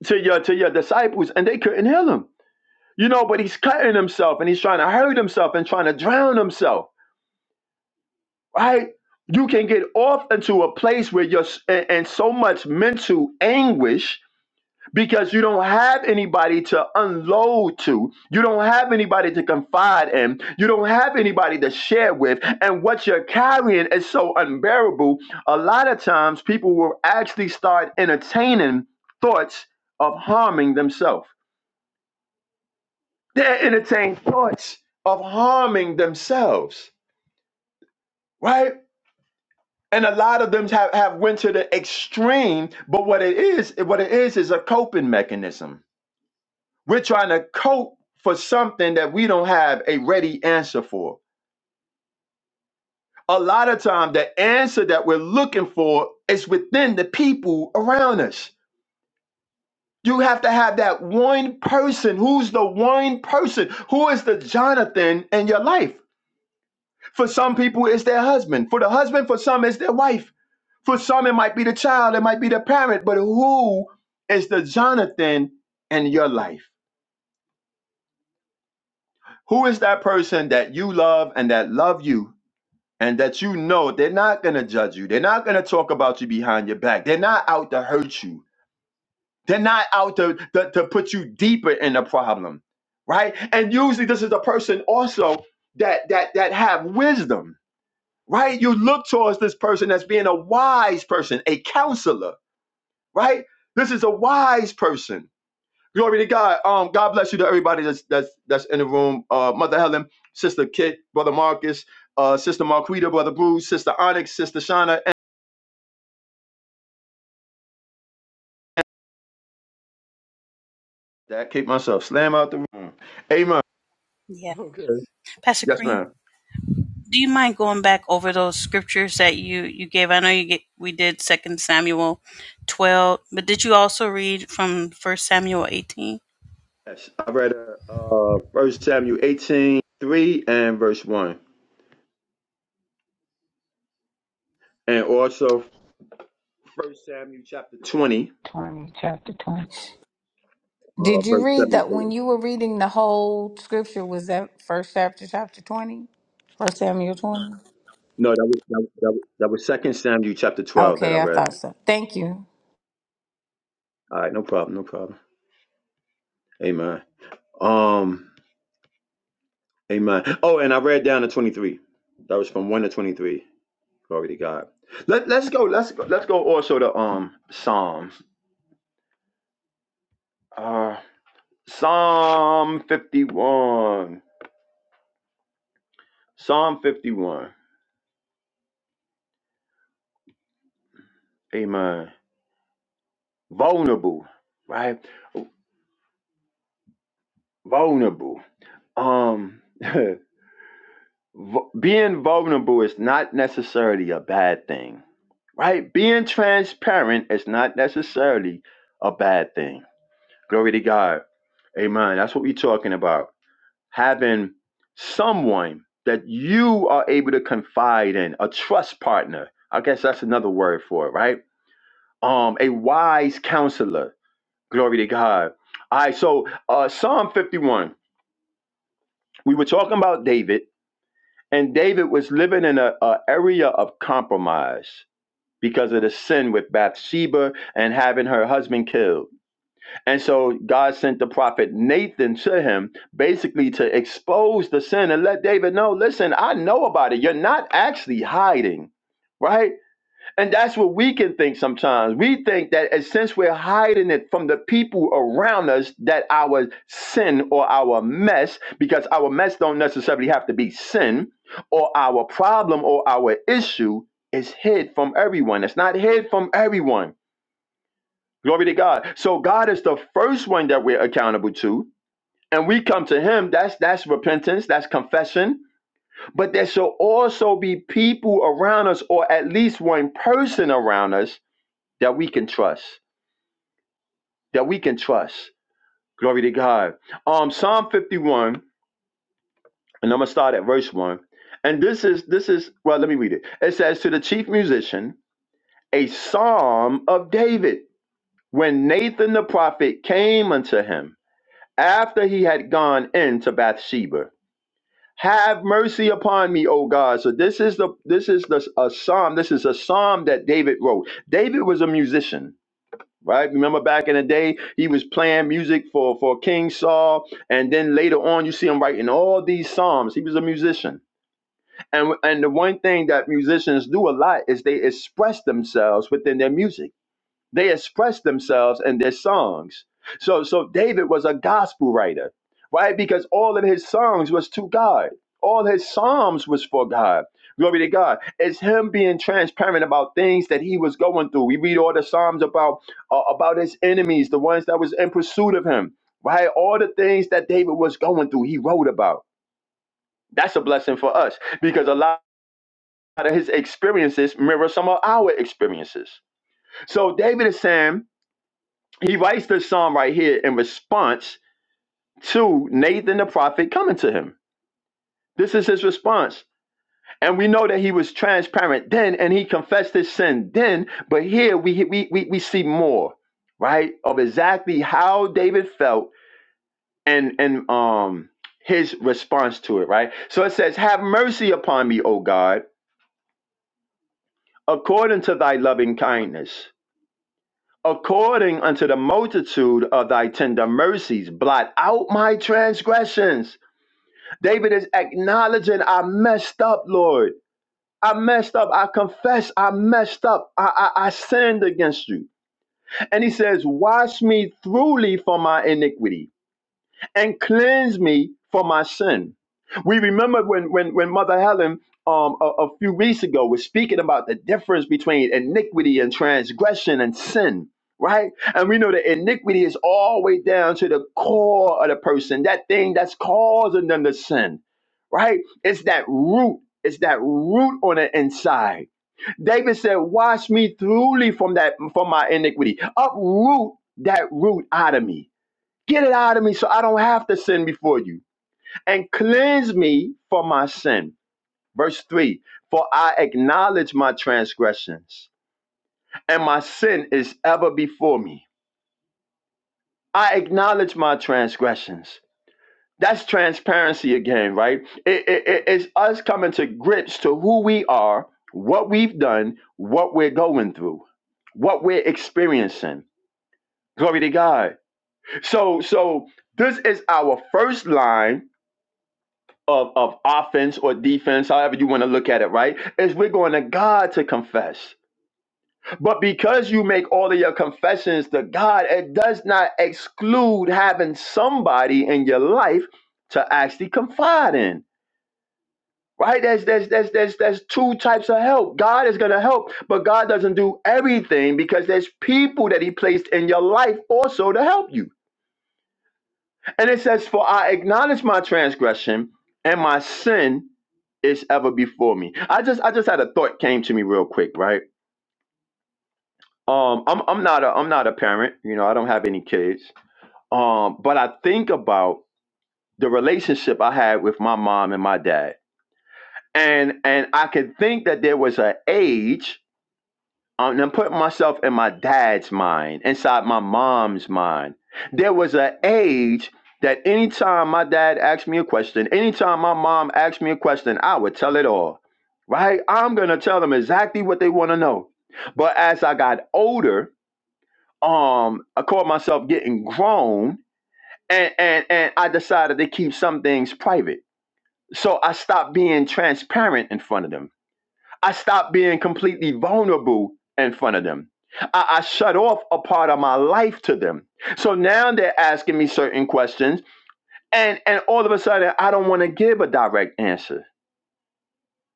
S2: to your to your disciples, and they couldn't heal him, you know. But he's cutting himself, and he's trying to hurt himself, and trying to drown himself." right? You can get off into a place where you're in and so much mental anguish because you don't have anybody to unload to. You don't have anybody to confide in. You don't have anybody to share with. And what you're carrying is so unbearable. A lot of times people will actually start entertaining thoughts of harming themselves. They entertain thoughts of harming themselves, right? and a lot of them have, have went to the extreme but what it is what it is is a coping mechanism we're trying to cope for something that we don't have a ready answer for a lot of time the answer that we're looking for is within the people around us you have to have that one person who's the one person who is the jonathan in your life for some people it's their husband for the husband for some it's their wife For some, it might be the child, it might be the parent, but who is the Jonathan in your life? Who is that person that you love and that love you and that you know they're not going to judge you? They're not going to talk about you behind your back. They're not out to hurt you. They're not out to, to, to put you deeper in the problem, right? And usually this is a person also that that that have wisdom, right? You look towards this person as being a wise person, a counselor, right? This is a wise person Glory to God. Um, God bless you to everybody that's that's that's in the room. Uh, Mother Helen, Sister Kit, Brother Marcus, uh, Sister Marquita, Brother Bruce, Sister Onyx, Sister Shauna. And that keep myself slam out the room. Amen. [laughs]
S1: Yeah.
S2: Okay.
S1: Pastor
S2: Yes,
S1: Kareem.
S2: ma'am.
S1: do you mind going back over those scriptures that you you gave? I know you get we did Second Samuel twelve, but did you also read from First Samuel eighteen?
S2: Yes. I read uh, uh First Samuel 18 3 and verse one, and also First Samuel chapter twenty,
S3: 20, chapter 20.
S2: uh,
S3: Did you
S2: verse
S3: read that
S2: seventeen.
S3: when you were reading the whole scripture? Was that first chapter, chapter 20? First Samuel 20?
S2: No, that was that was, that was that was Second Samuel chapter twelve that I
S3: Okay, I thought
S2: read.
S3: so. Thank you.
S2: All right, no problem, no problem. Amen. Um. Amen. Oh, and I read down to 23. That was from 1 to 23. Glory to God. Let, let's go. Let's go. Let's go also to um Psalms. Uh Psalm 51. Psalm 51. Amen. Vulnerable, right? Vulnerable. Um [laughs] being vulnerable is not necessarily a bad thing. Right? Being transparent is not necessarily a bad thing. Glory to God. Amen. That's what we're talking about. having someone that you are able to confide in, a trust partner. I guess that's another word for it, right? Um, a wise counselor. Glory to God. All right, so uh, Psalm 51. We were talking about David, and David was living in a, a area of compromise because of the sin with Bathsheba and having her husband killed. And so God sent the prophet Nathan to him basically to expose the sin and let David know listen, I know about it. You're not actually hiding, right? And that's what we can think sometimes. We think that uh, since we're hiding it from the people around us, that our sin or our mess, because our mess don't necessarily have to be sin, or our problem or our issue is hid from everyone. It's not hid from everyone Glory to God. So God is the first one that we're accountable to. And we come to him. That's that's repentance. That's confession. But there shall also be people around us, or at least one person around us that we can trust. That we can trust. Glory to God. Um, Psalm 51, and I'm gonna start at verse 1. And this is this is well, let me read it. It says, To the chief musician, a psalm of David, when Nathan the prophet came unto him. after he had gone in to Bathsheba. Have mercy upon me, O God. So this is the this is the a psalm. This is a psalm that David wrote. David was a musician, right? Remember back in the day, he was playing music for for King Saul, and then later on, you see him writing all these psalms. He was a musician, and and the one thing that musicians do a lot is they express themselves within their music they expressed themselves in their songs. So, so David was a gospel writer, right? Because all of his songs was to God. All his psalms was for God. Glory to God. It's him being transparent about things that he was going through. We read all the psalms about uh, about his enemies, the ones that was in pursuit of him, right? All the things that David was going through, he wrote about. That's a blessing for us because a lot of his experiences mirror some of our experiences. So David is saying he writes this psalm right here in response to Nathan the prophet coming to him. This is his response. And we know that he was transparent then and he confessed his sin then, but here we we we, we see more, right? Of exactly how David felt and and um his response to it, right? So it says, "Have mercy upon me, O God, according to thy loving kindness." According unto the multitude of thy tender mercies, blot out my transgressions David is acknowledging, I messed up, Lord. I messed up. I confess I messed up. I, I, I sinned against you. And he says, Wash me thoroughly from my iniquity and cleanse me from my sin. We remember when when when Mother Helen um a, a few weeks ago was speaking about the difference between iniquity and transgression and sin, right? And we know that iniquity is all the way down to the core of the person, that thing that's causing them to sin, right? It's that root, it's that root on the inside. David said, Wash me thoroughly from that from my iniquity. Uproot that root out of me Get it out of me so I don't have to sin before you. And cleanse me from my sin. Verse 3 For I acknowledge my transgressions, and my sin is ever before me. I acknowledge my transgressions. That's transparency again, right? It- it- it- it's us coming to grips to who we are, what we've done, what we're going through, what we're experiencing. Glory to God. So, so this is our first line of, of offense or defense, however you want to look at it, right? Is we're going to God to confess. But because you make all of your confessions to God, it does not exclude having somebody in your life to actually confide in. Right? There's there's there's there's there's two types of help. God is gonna help, but God doesn't do everything because there's people that He placed in your life also to help you. And it says, For I acknowledge my transgression, and my sin is ever before me. I just I just had a thought came to me real quick, right? Um, I'm I'm not a I'm not a parent, you know, I don't have any kids. Um, but I think about the relationship I had with my mom and my dad. And and I can think that there was an age um, I'm putting myself in my dad's mind, inside my mom's mind. There was an age that anytime my dad asked me a question, anytime my mom asked me a question, I would tell it all, right? I'm gonna tell them exactly what they want to know. But as I got older, um, I caught myself getting grown, and and and I decided to keep some things private. So I stopped being transparent in front of them. I stopped being completely vulnerable in front of them. I, I shut off a part of my life to them. So now they're asking me certain questions, and and all of a sudden I don't want to give a direct answer.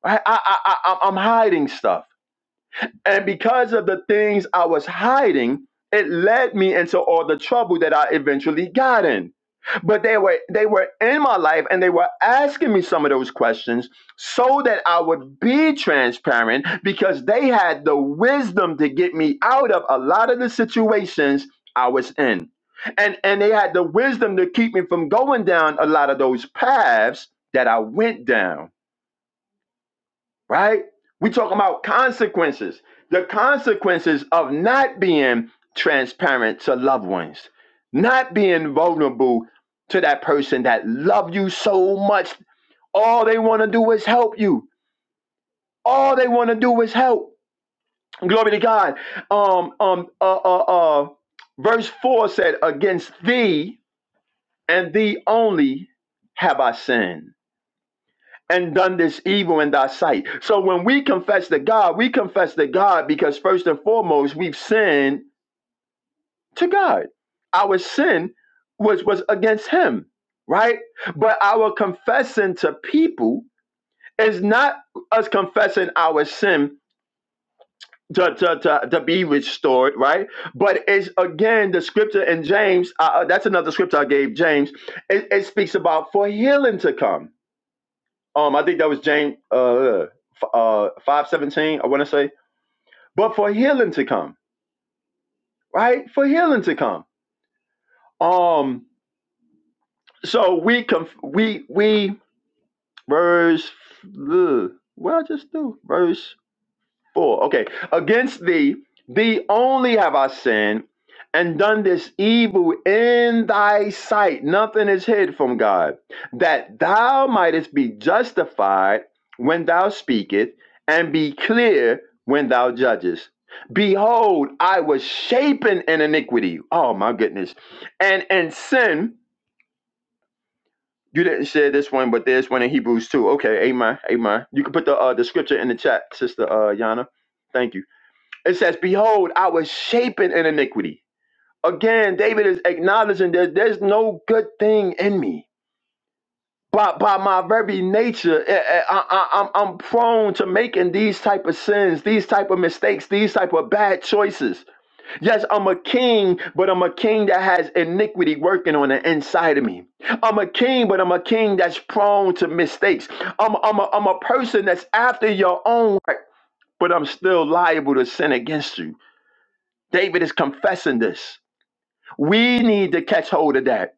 S2: Right? I, I, I I'm I'm hiding stuff. And because of the things I was hiding, it led me into all the trouble that I eventually got in. But they were they were in my life and they were asking me some of those questions so that I would be transparent because they had the wisdom to get me out of a lot of the situations I was in. And and they had the wisdom to keep me from going down a lot of those paths that I went down right? We talk about consequences, the consequences of not being transparent to loved ones, not being vulnerable to that person that love you so much. All they want to do is help you. All they want to do is help. Glory to God. Um, um, uh, uh, uh, verse four said, "Against thee and thee only have I sinned." and done this evil in thy sight. So when we confess to God, we confess to God because first and foremost, we've sinned to God. Our sin was was against him, right? But our confessing to people is not us confessing our sin to, to, to, to be restored, right? But it's again the scripture in James, uh, uh, that's another scripture I gave James. It, it speaks about for healing to come Um, I think that was James uh, uh, five seventeen. I want to say, but for healing to come, right? For healing to come. Um, so we conf- we we verse. Ugh, what I just do verse Four. Okay. Against thee, thee only have I sinned and done this evil in thy sight. Nothing is hid from God, that thou mightest be justified when thou speakest and be clear when thou judgest. Behold, I was shapen in iniquity. Oh my goodness. And in sin, you didn't share this one, but there's one in Hebrews too. Okay, amen. Amen. You can put the uh, the scripture in the chat, sister uh Yana. Thank you. It says, Behold, I was shapen in iniquity. Again, David is acknowledging that there's no good thing in me. By, by my very nature, eh, eh, I, am I'm I'm prone to making these type of sins, these type of mistakes, these type of bad choices. Yes, I'm a king, but I'm a king that has iniquity working on the inside of me. I'm a king, but I'm a king that's prone to mistakes. I'm, I'm, a, I'm a person that's after your own heart, but I'm still liable to sin against you. David is confessing this. We need to catch hold of that.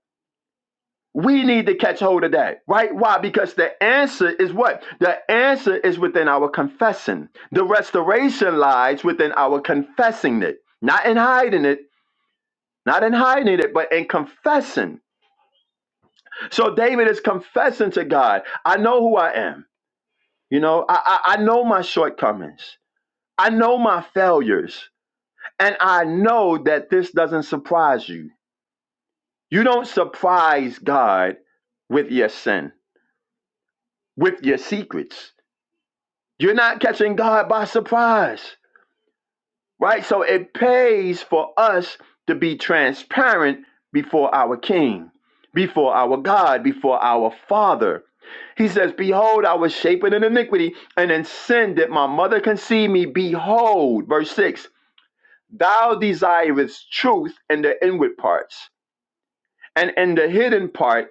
S2: We need to catch hold of that, right? Why? Because the answer is what? The answer is within our confessing. The restoration lies within our confessing it, not in hiding it, not in hiding it, but in confessing. So David is confessing to God, I know who I am. You know, I, I, I know my shortcomings, I know my failures, and I know that this doesn't surprise you. You don't surprise God with your sin, with your secrets. You're not catching God by surprise, right? So it pays for us to be transparent before our King, before our God, before our Father. He says, Behold, I was shapen in iniquity, and in sin did my mother conceive me. Behold, verse 6 Thou desirest truth in the inward parts, and in the hidden part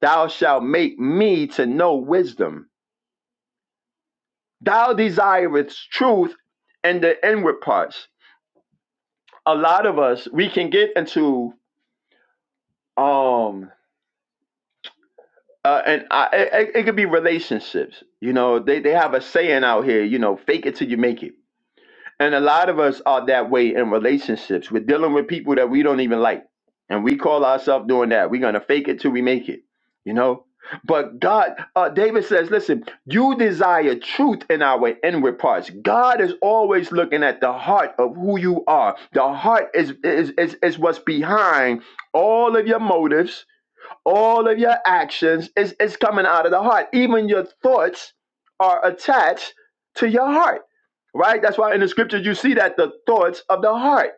S2: Thou shalt make me to know wisdom. Thou desirest truth in the inward parts. A lot of us, we can get into um, uh, and I, it, it it could be relationships. You know, they they have a saying out here. You know, fake it till you make it And a lot of us are that way in relationships. We're dealing with people that we don't even like. And we call ourselves doing that. We're going to fake it till we make it, you know? But God, uh, David says, listen, you desire truth in our inward parts. God is always looking at the heart of who you are. The heart is, is, is, is what's behind all of your motives, all of your actions. It's, it's coming out of the heart. Even your thoughts are attached to your heart right? That's why in the scriptures you see that the thoughts of the heart,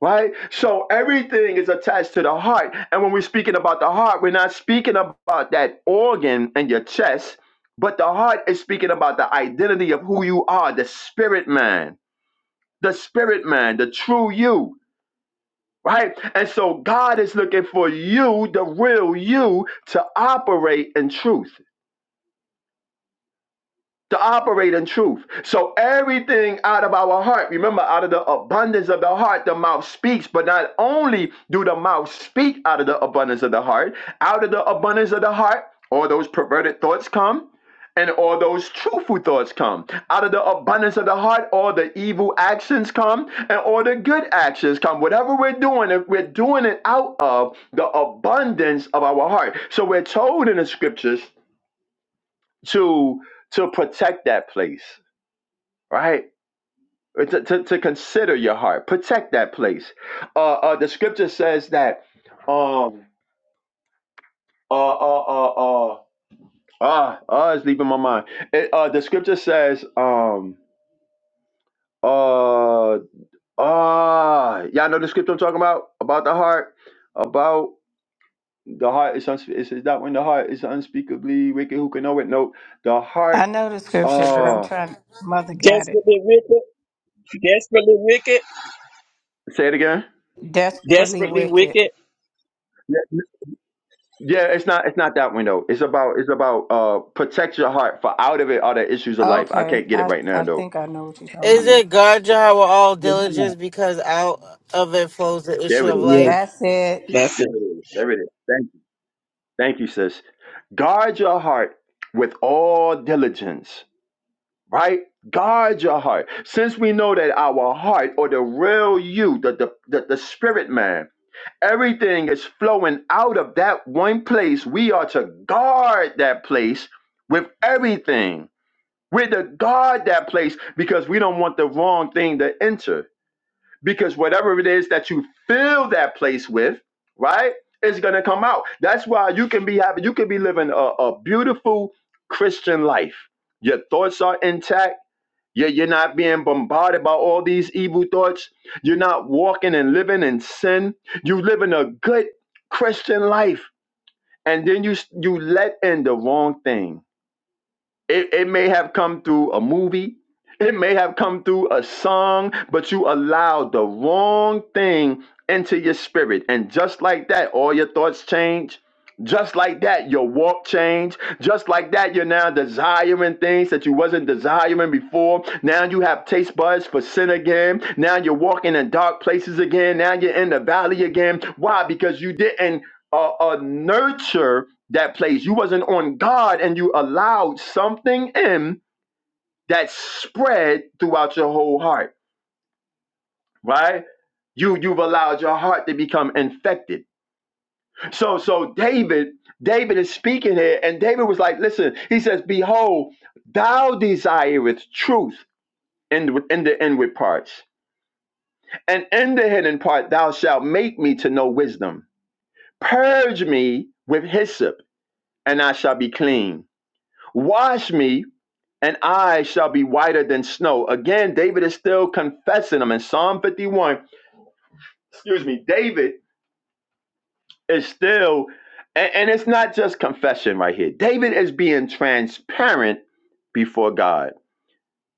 S2: right? So everything is attached to the heart. And when we're speaking about the heart, we're not speaking about that organ in your chest, but the heart is speaking about the identity of who you are, the spirit man, the spirit man, the true you. Right? And so God is looking for you, the real you, to operate in truth. to operate in truth. So everything out of our heart, remember, out of the abundance of the heart, the mouth speaks. But not only do the mouth speak out of the abundance of the heart, out of the abundance of the heart, all those perverted thoughts come. And all those truthful thoughts come out of the abundance of the heart. All the evil actions come, and all the good actions come. Whatever we're doing, if we're doing it out of the abundance of our heart. So we're told in the scriptures to to protect that place right? Uh, To, to, to consider your heart, protect that place. Uh, uh, the scripture says that, um, uh, uh, uh, uh, ah, ah, it's leaving my mind. It, uh, the scripture says, um, uh, ah, y'all know the scripture I'm talking about about the heart, about the heart is unspe- it says that when the heart is unspeakably wicked, who can know it? No, the
S3: I
S2: heart.
S3: know the scripture, but I'm
S2: Uh,
S3: trying. Mother got it.
S5: Desperately wicked, desperately wicked,
S2: say it again.
S3: Desperately
S5: desperately
S3: wicked.
S5: wicked.
S2: Yeah, it's not it's not that window. It's about it's about uh protect your heart for out of it are the issues of life. I
S3: Okay,
S2: can't get it
S3: I,
S2: right now
S3: I
S2: though.
S3: think I know what you're talking about.
S4: Is
S2: Um,
S4: it guard your heart with all
S5: Yeah,
S4: diligence because out of it flows the issue
S2: there it
S4: of
S2: is.
S5: Yes,
S4: life?
S3: That's it.
S5: that's
S2: There
S5: it.
S2: it is. There it is. Thank you. Thank you, sis. Guard your heart with all diligence, right? Guard your heart. Since we know that our heart or the real you, the the, the, the spirit man, everything is flowing out of that one place. We are to guard that place with everything We're to guard that place because we don't want the wrong thing to enter. Because whatever it is that you fill that place with, right, is gonna come out. That's why you can be having, you can be living a, a beautiful Christian life. Your thoughts are intact. You're, you're not being bombarded by all these evil thoughts. You're not walking and living in sin. You're living a good Christian life, and then you you let in the wrong thing it, it may have come through a movie. It may have come through a song, but you allowed the wrong thing into your spirit. And just like that, all your thoughts change. Just like that, your walk change. Just like that, you're now desiring things that you wasn't desiring before. Now you have taste buds for sin again. Now you're walking in dark places again. Now you're in the valley again. Why? Because you didn't uh, uh, nurture that place. You wasn't on God and you allowed something in that spread throughout your whole heart, right? You you've allowed your heart to become infected. So so David, David is speaking here, and David was like, listen, he says, Behold, thou desirest truth in in the inward parts, and in the hidden part thou shalt make me to know wisdom. Purge me with hyssop, and I shall be clean. Wash me and I shall be whiter than snow. Again, David is still confessing them in Psalm 51. Excuse me, David is still, and, and it's not just confession right here. David is being transparent before God.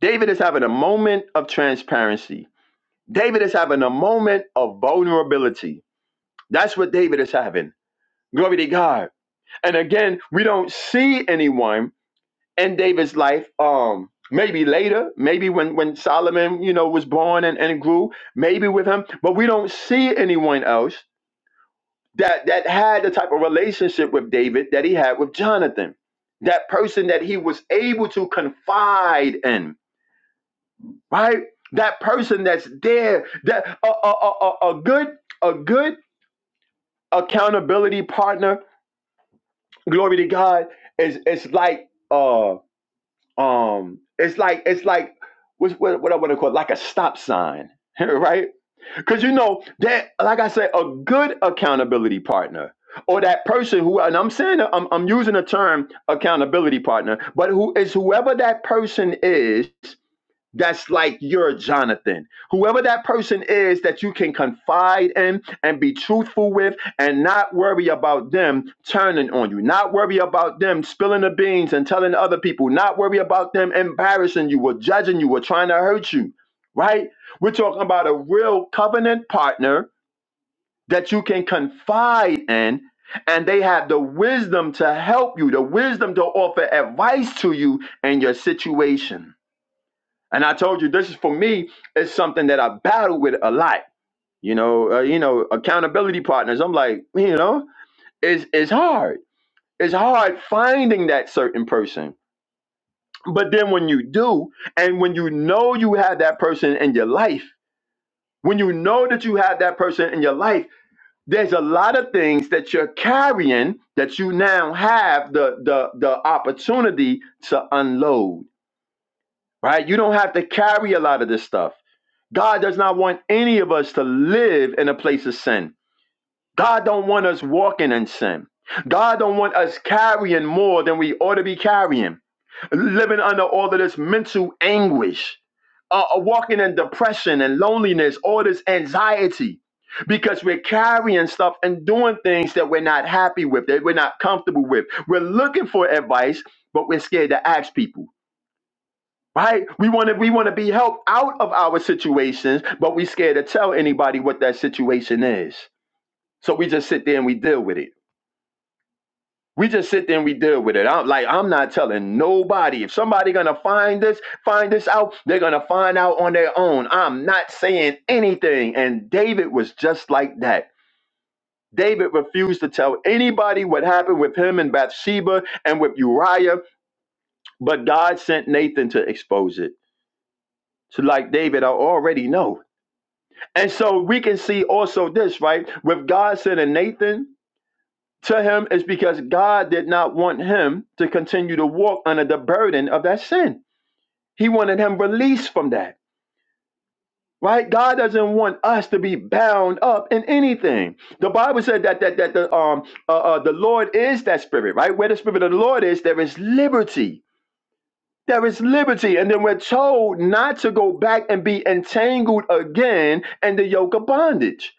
S2: David is having a moment of transparency. David is having a moment of vulnerability. That's what David is having. Glory to God. And again, we don't see anyone. in David's life, um, maybe later, maybe when, when Solomon, you know, was born and, and grew, maybe with him, but we don't see anyone else that that had the type of relationship with David that he had with Jonathan. That person that he was able to confide in, right? That person that's there, that a, a, a, a a good a good accountability partner, glory to God, is it's like uh. Um, it's like it's like what's- what what I want to call it, like a stop sign, [laughs] right? Because you know that, like I said, a good accountability partner or that person who, and I'm saying I'm I'm using the term accountability partner, but who is whoever that person is that's like your Jonathan. Whoever that person is that you can confide in and be truthful with and not worry about them turning on you, not worry about them spilling the beans and telling other people, not worry about them embarrassing you or judging you or trying to hurt you, right? We're talking about a real covenant partner that you can confide in and they have the wisdom to help you, the wisdom to offer advice to you in your situation and I told you this is for me It's something that I battle with a lot. You know, uh, you know, accountability partners. I'm like, you know, it's it's hard. It's hard finding that certain person. But then when you do, and when you know you have that person in your life, when you know that you have that person in your life, there's a lot of things that you're carrying that you now have the the the opportunity to unload. Right? You don't have to carry a lot of this stuff God does not want any of us to live in a place of sin. God don't want us walking in sin. God don't want us carrying more than we ought to be carrying, living under all of this mental anguish, uh, uh, walking in depression and loneliness, all this anxiety, because we're carrying stuff and doing things that we're not happy with, that we're not comfortable with. We're looking for advice, but we're scared to ask people right? We want to we want to be helped out of our situations, but we scared to tell anybody what that situation is. So we just sit there and we deal with it. We just sit there and we deal with it. I'm like I'm not telling nobody. If somebody gonna find this, find this out, they're gonna find out on their own. I'm not saying anything. And David was just like that. David refused to tell anybody what happened with him and Bathsheba and with Uriah, but God sent Nathan to expose it. So like David, I already know. And so we can see also this, right? With God sending Nathan to him is because God did not want him to continue to walk under the burden of that sin. He wanted him released from that. Right? God doesn't want us to be bound up in anything. The Bible said that that that the um uh, uh the Lord is that spirit, right? Where the spirit of the Lord is, there is liberty. There is liberty. And then we're told not to go back and be entangled again in the yoke of bondage.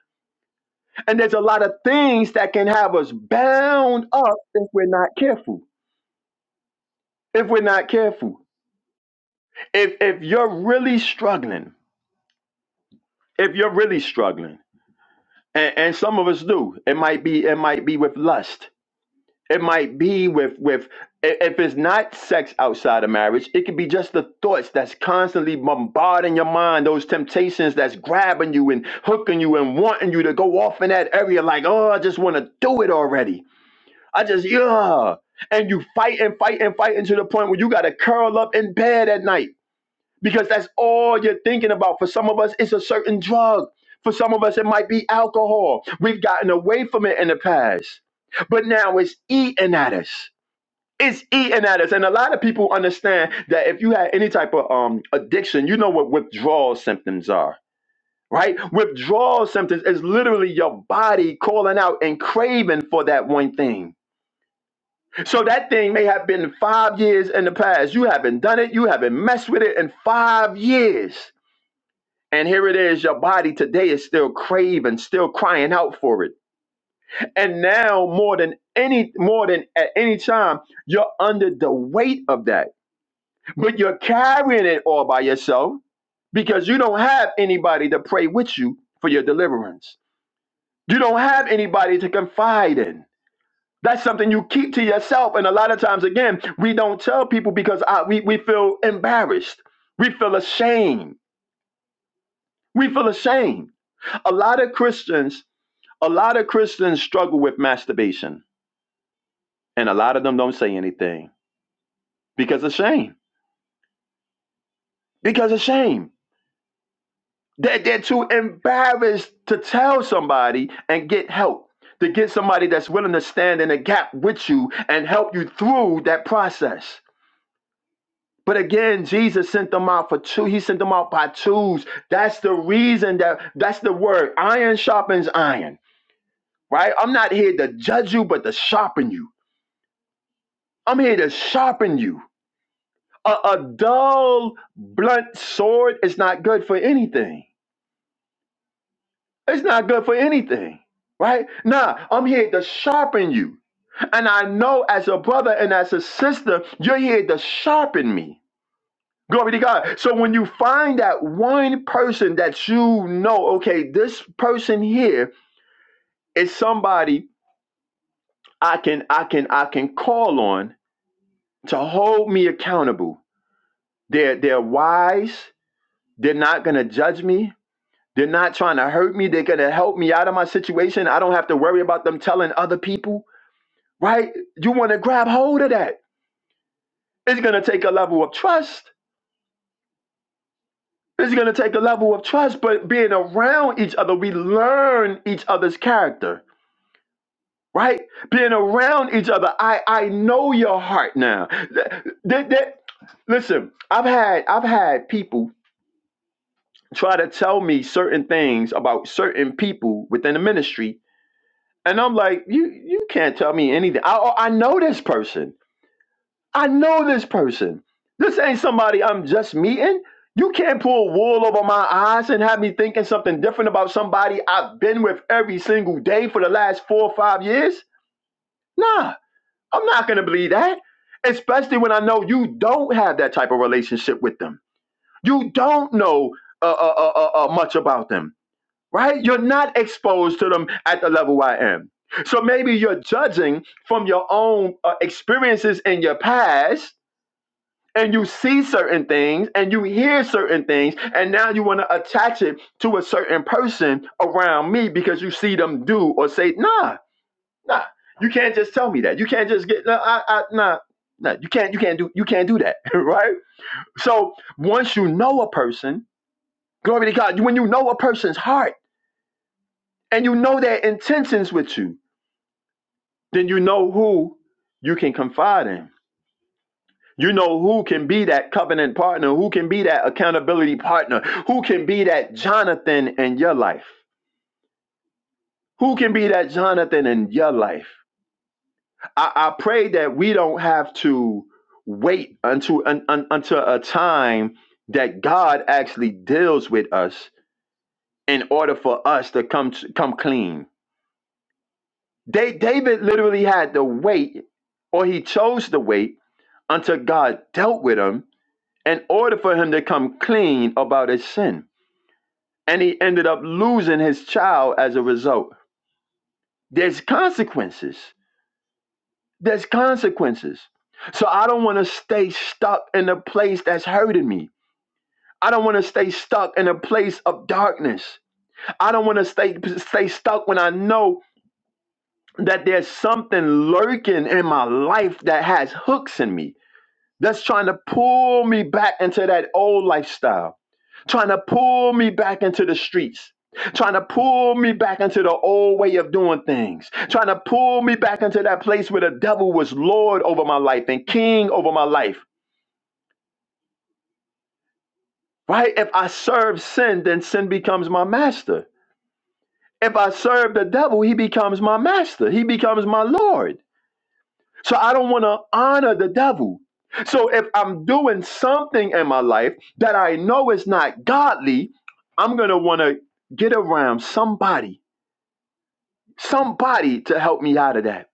S2: And there's a lot of things that can have us bound up if we're not careful. If we're not careful. If if you're really struggling, if you're really struggling, and, and some of us do, it might be it might be with lust. It might be with with i- if it's not sex outside of marriage, it could be just the thoughts that's constantly bombarding your mind, those temptations that's grabbing you and hooking you and wanting you to go off in that area like, oh, I just want to do it already I just, yeah. And you fight and fight and fight until the point where you got to curl up in bed at night because that's all you're thinking about. For some of us, it's a certain drug. For some of us, it might be alcohol. We've gotten away from it in the past, but now it's eating at us. It's eating at us. And a lot of people understand that if you had any type of um, addiction, you know what withdrawal symptoms are. Right? Withdrawal symptoms is literally your body calling out and craving for that one thing so that thing may have been five years in the past. You haven't done it. You haven't messed with it in five years. And here it is. Your body today is still craving, still crying out for it. And now more than any, more than at any time, you're under the weight of that. But you're carrying it all by yourself because you don't have anybody to pray with you for your deliverance. You don't have anybody to confide in. That's something you keep to yourself. And a lot of times, again, we don't tell people because I, we, we feel embarrassed. We feel ashamed. We feel ashamed. A lot of Christians, a lot of Christians struggle with masturbation. And a lot of them don't say anything because of shame. Because of shame. They're, they're too embarrassed to tell somebody and get help, to get somebody that's willing to stand in a gap with you and help you through that process. But again, Jesus sent them out for two. He sent them out by twos. That's the reason that that's the word. Iron sharpens iron, right? I'm not here to judge you, but to sharpen you. I'm here to sharpen you. A, a dull, blunt sword is not good for anything. It's not good for anything, right? Nah, I'm here to sharpen you. And I know as a brother and as a sister, you're here to sharpen me. Glory to God. So when you find that one person that you know, okay, this person here is somebody I can I can I can call on to hold me accountable. They're they're wise, they're not gonna judge me, they're not trying to hurt me, they're gonna help me out of my situation. I don't have to worry about them telling other people, right? You wanna grab hold of that. It's gonna take a level of trust. It's gonna take a level of trust, but being around each other, we learn each other's character right? Being around each other. I I know your heart now. That, that, that- listen, I've had I've had people try to tell me certain things about certain people within the ministry, and I'm like, you you can't tell me anything. I oh, I know this person. I know this person. This ain't somebody I'm just meeting. You can't pull wool over my eyes and have me thinking something different about somebody I've been with every single day for the last four or five years. Nah, I'm not going to believe that, especially when I know you don't have that type of relationship with them. You don't know uh, uh, uh, uh, uh, much about them, right? You're not exposed to them at the level I am. So maybe you're judging from your own uh, experiences in your past. And you see certain things and you hear certain things, and now you want to attach it to a certain person around me because you see them do or say, nah, Nah, you can't just tell me that. You can't just get no. I, I, nah, nah. You can't. You can't do. You can't do that, [laughs] right? So once you know a person, glory to God. When you know a person's heart and you know their intentions with you, then you know who you can confide in. You know who can be that covenant partner, who can be that accountability partner, who can be that Jonathan in your life, who can be that Jonathan in your life. I, I pray that we don't have to wait until un, un, until a time that God actually deals with us in order for us to come to, come clean. Da- David literally had to wait, or he chose to wait until God dealt with him in order for him to come clean about his sin, and he ended up losing his child as a result. There's consequences There's consequences. So I don't want to stay stuck in a place that's hurting me. I don't want to stay stuck in a place of darkness. I don't want to stay stay stuck when I know that there's something lurking in my life that has hooks in me that's trying to pull me back into that old lifestyle, trying to pull me back into the streets, trying to pull me back into the old way of doing things, trying to pull me back into that place where the devil was Lord over my life and king over my life, right? If I serve sin, then sin becomes my master. If I serve the devil, he becomes my master, he becomes my Lord. So I don't want to honor the devil. So if I'm doing something in my life that I know is not godly, I'm going to want to get around somebody, somebody to help me out of that.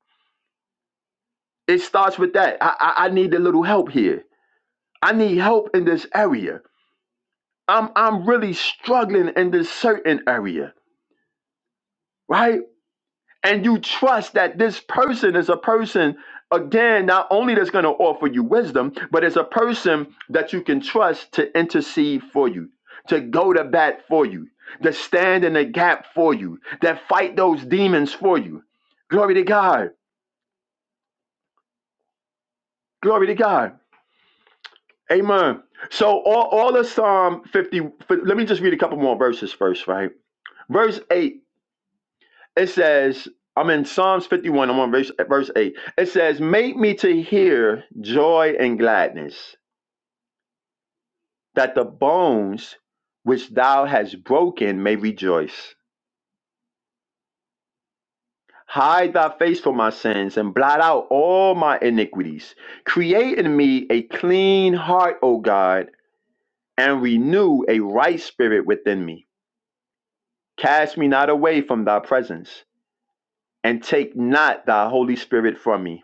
S2: It starts with that. I, I, I need a little help here. I need help in this area. I'm, I'm really struggling in this certain area, right? and you trust that this person is a person again not only that's going to offer you wisdom but it's a person that you can trust to intercede for you to go to bat for you to stand in the gap for you that fight those demons for you glory to god glory to god amen so all, all of psalm 50 let me just read a couple more verses first right verse 8 It says, I'm in Psalms 51, I'm on verse, verse 8. It says, Make me to hear joy and gladness, that the bones which thou hast broken may rejoice. Hide thy face from my sins and blot out all my iniquities. Create in me a clean heart, O God, and renew a right spirit within me. Cast me not away from thy presence, and take not thy Holy Spirit from me.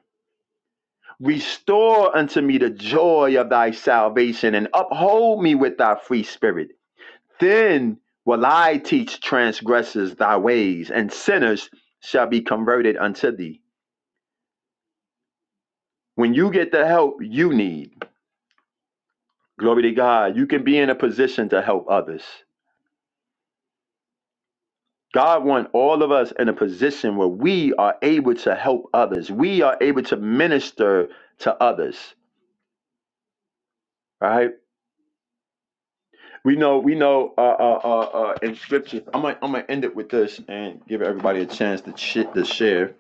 S2: Restore unto me the joy of thy salvation and uphold me with thy free spirit. Then will I teach transgressors thy ways, and sinners shall be converted unto thee. When you get the help you need, glory to God, you can be in a position to help others. God wants all of us in a position where we are able to help others. We are able to minister to others, right? We know, we know, uh, uh, uh, uh, in scripture. I'm gonna, I'm gonna end it with this and give everybody a chance to shit to share.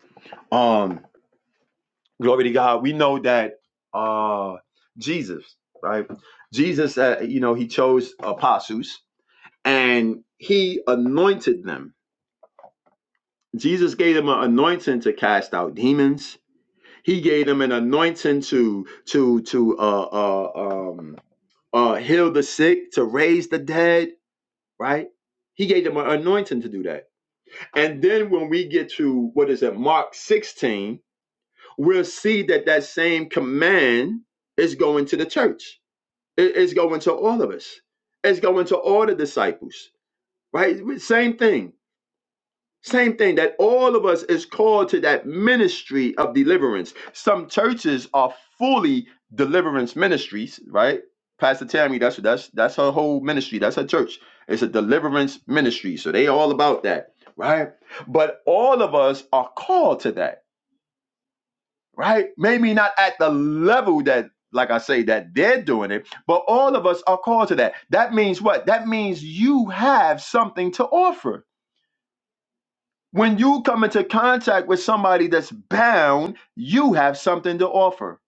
S2: Um, glory to God. We know that, uh, Jesus, right? Jesus, uh, you know, he chose apostles and he anointed them. Jesus gave them an anointing to cast out demons. He gave them an anointing to, to, to, uh, uh, um, uh, heal the sick, to raise the dead, right? He gave them an anointing to do that. And then when we get to what is it, Mark 16, we'll see that that same command is going to the church. It- It's going to all of us. It's going to all the disciples, right? Same thing. Same thing that all of us is called to that ministry of deliverance. Some churches are fully deliverance ministries, right? Pastor Tammy, that's that's that's her whole ministry. That's her church. It's a deliverance ministry. So they all about that, right? But all of us are called to that, right? Maybe not at the level that like I say that they're doing it, but all of us are called to that. That means what? That means you have something to offer when you come into contact with somebody that's bound, you have something to offer.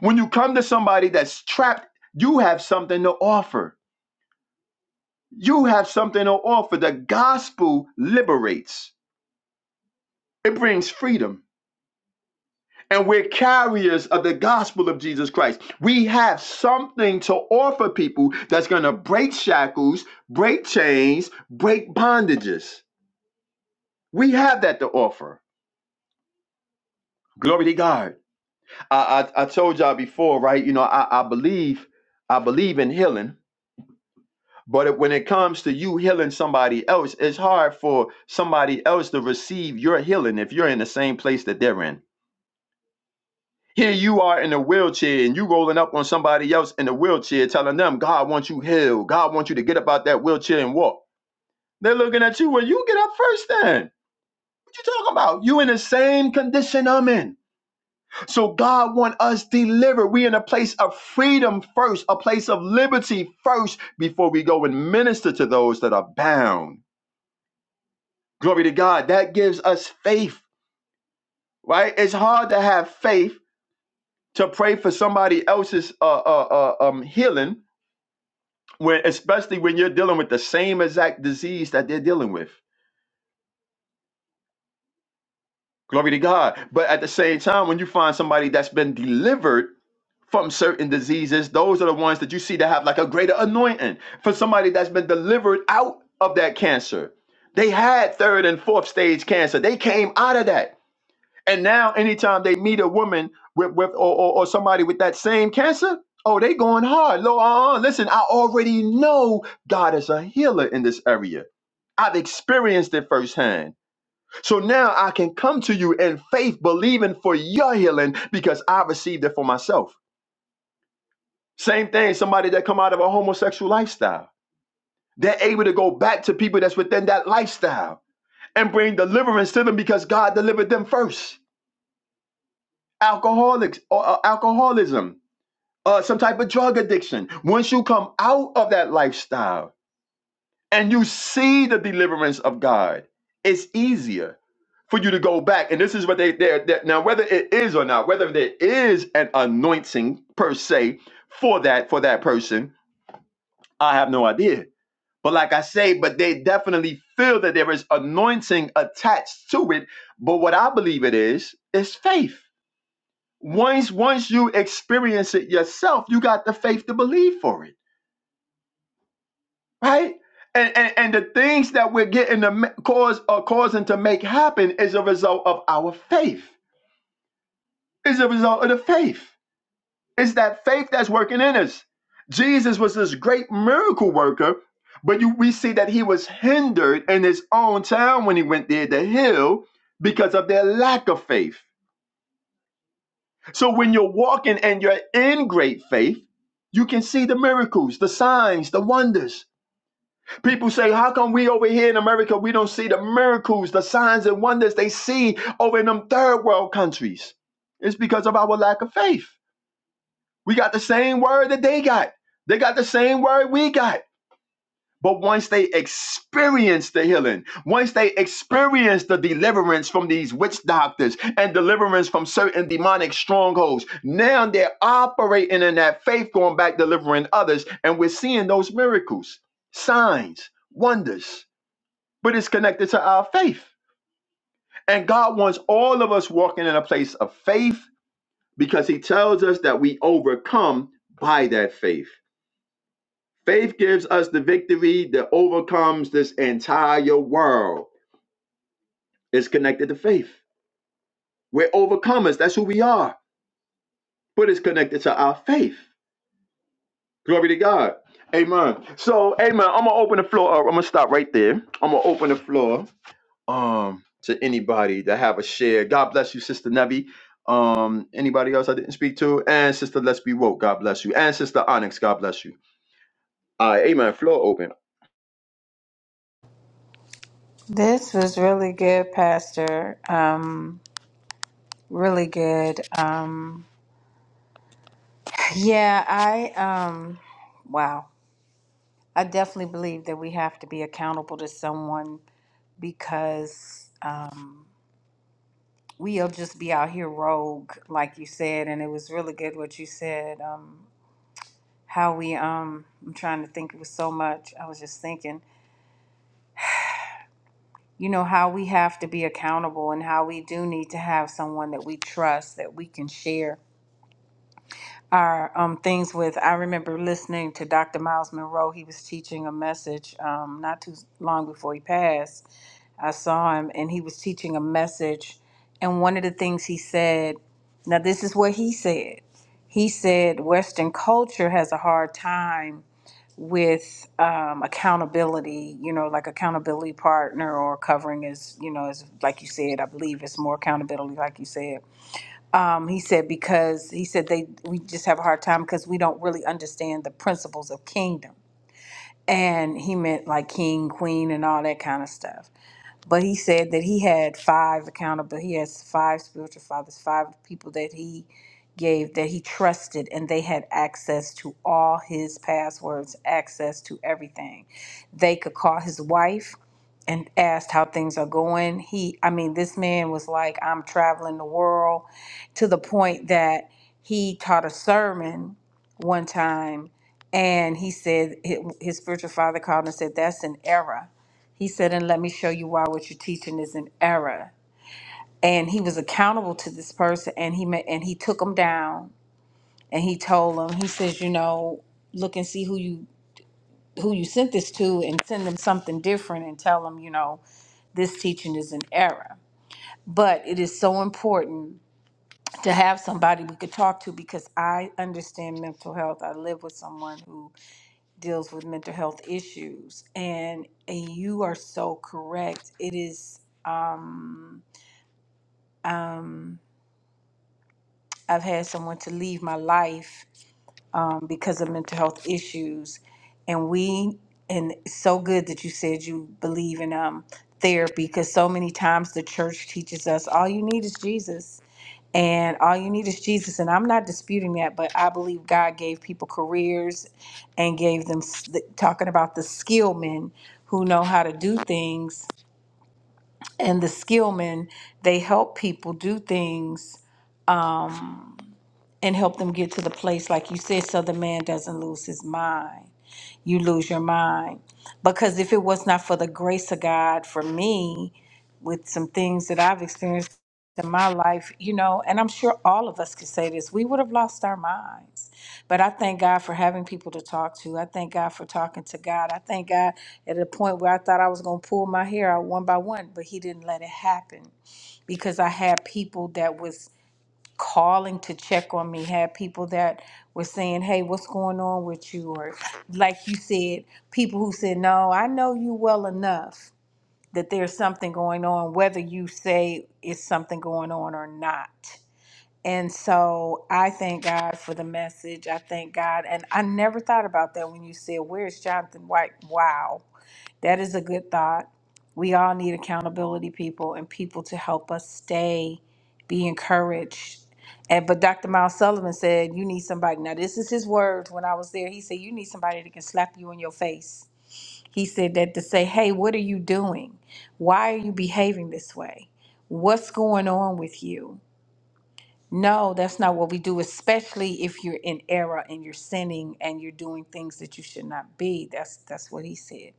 S2: When you come to somebody that's trapped, you have something to offer. You have something to offer. The gospel liberates, it brings freedom. And we're carriers of the gospel of Jesus Christ. We have something to offer people that's going to break shackles, break chains, break bondages. We have that to offer. Glory to God. I, I I told y'all before, right? You know, I, I believe I believe in healing, but it- when it comes to you healing somebody else, it's hard for somebody else to receive your healing if you're in the same place that they're in. Here you are in a wheelchair and you rolling up on somebody else in a wheelchair telling them, God wants you healed. God wants you to get up out that wheelchair and walk. They're looking at you when you get up first then. What you talking about? You in the same condition I'm in. So God want us delivered. We in a place of freedom first, a place of liberty first before we go and minister to those that are bound. Glory to God. That gives us faith, right? It's hard to have faith to pray for somebody else's uh, uh, uh, um, healing, when, especially when you're dealing with the same exact disease that they're dealing with. Glory to God. But at the same time, when you find somebody that's been delivered from certain diseases, those are the ones that you see that have like a greater anointing. For somebody that's been delivered out of that cancer, they had third and fourth stage cancer. They came out of that. And now, anytime they meet a woman with, with or, or, or somebody with that same cancer, oh, they going hard. Lo, uh, uh, listen, I already know God is a healer in this area. I've experienced it firsthand. So now I can come to you in faith, believing for your healing because I received it for myself. Same thing, somebody that come out of a homosexual lifestyle. They're able to go back to people that's within that lifestyle and bring deliverance to them because God delivered them first. Alcoholics or uh, alcoholism, uh, some type of drug addiction. Once you come out of that lifestyle, and you see the deliverance of God, it's easier for you to go back. And this is what they they they- now whether it is or not, whether there is an anointing per se for that for that person, I have no idea. But like I say, but they definitely feel that there is anointing attached to it. But what I believe it is is faith. Once once you experience it yourself, you got the faith to believe for it right? And, and and the things that we're getting to ma- cause or causing to make happen is a result of our faith. Is a result of the faith. It's that faith that's working in us. Jesus was this great miracle worker, but you, we see that he was hindered in his own town when he went there to heal because of their lack of faith. So when you're walking and you're in great faith, you can see the miracles, the signs, the wonders People say, how come we over here in America, we don't see the miracles, the signs and wonders they see over in them third world countries? It's because of our lack of faith. We got the same word that they got. They got the same word we got. But once they experience the healing, once they experience the deliverance from these witch doctors and deliverance from certain demonic strongholds, now they're operating in that faith, going back delivering others. And we're seeing those miracles, signs, wonders but it's connected to our faith. And God wants all of us walking in a place of faith because He tells us that we overcome by that faith. Faith gives us the victory that overcomes this entire world. It's connected to faith. We're overcomers. That's who we are. But it's connected to our faith. Glory to God. Amen. So, amen. I'm going to open the floor. up. I'm going to stop right there. I'm going to open the floor um to anybody that have a share. God bless you, Sister Nevi. Um, anybody else I didn't speak to, and Sister Let's Be Woke. God bless you, and Sister Onyx. God bless you. All right, Amen. Floor open.
S3: This was really good, Pastor. Um, really good. Um, yeah, I um, wow. I definitely believe that we have to be accountable to someone because um, we'll just be out here rogue, like you said, and it was really good what you said. Um, how we, um, I'm trying to think, it was so much. I was just thinking, you know, how we have to be accountable and how we do need to have someone that we trust that we can share are um, things with. I remember listening to Dr. Miles Monroe. He was teaching a message um, not too long before he passed. I saw him, and he was teaching a message. And one of the things he said, now this is what he said. He said Western culture has a hard time with um, accountability. You know, like accountability partner or covering is, you know, is like you said. I believe it's more accountability, like you said um, he said because he said they we just have a hard time because we don't really understand the principles of kingdom, and he meant like king, queen, and all that kind of stuff but he said that he had five accountable he has five spiritual fathers five people that he gave that he trusted and they had access to all his passwords access to everything they could call his wife and asked how things are going he i mean this man was like i'm traveling the world to the point that he taught a sermon one time and he said his his spiritual father called and said that's an error he said, and let me show you why what you're teaching is an error. And he was accountable to this person and he met and he took him down and he told him, he says, you know, look and see who you who you sent this to and send them something different and tell them, you know, this teaching is an error. But it is so important to have somebody we could talk to because I understand mental health. I live with someone who deals with mental health issues and and you are so correct. It is I've had someone to leave my life um, because of mental health issues, and we and it's so good that you said you believe in um, therapy because so many times the church teaches us all you need is Jesus and all you need is Jesus. And I'm not disputing that, but I believe God gave people careers and gave them s- the- talking about the skill men who know how to do things. And the skill men, they help people do things and help them get to the place, like you said, so the man doesn't lose his mind. You lose your mind. Because if it was not for the grace of God for me, with some things that I've experienced in my life, you know, and I'm sure all of us could say this, we would have lost our minds. But I thank God for having people to talk to. I thank God for talking to God. I thank God at a point where I thought I was going to pull my hair out one by one, but He didn't let it happen because I had people that was calling to check on me, had people that were saying, Hey, what's going on with you? Or, like you said, people who said, No, I know you well enough that there's something going on, whether you say it's something going on or not. And so I thank God for the message. I thank God. And I never thought about that when you said, Where's Jonathan White? Wow that is a good thought. We all need accountability people and people to help us stay, be encouraged. And but Dr. Miles Sullivan said, You need somebody. Now, this is his words when I was there. He said, You need somebody that can slap you in your face. He said that to say, Hey, what are you doing? Why are you behaving this way? What's going on with you? No, that's not what we do, especially if you're in error and you're sinning and you're doing things that you should not be. That's that's what he said.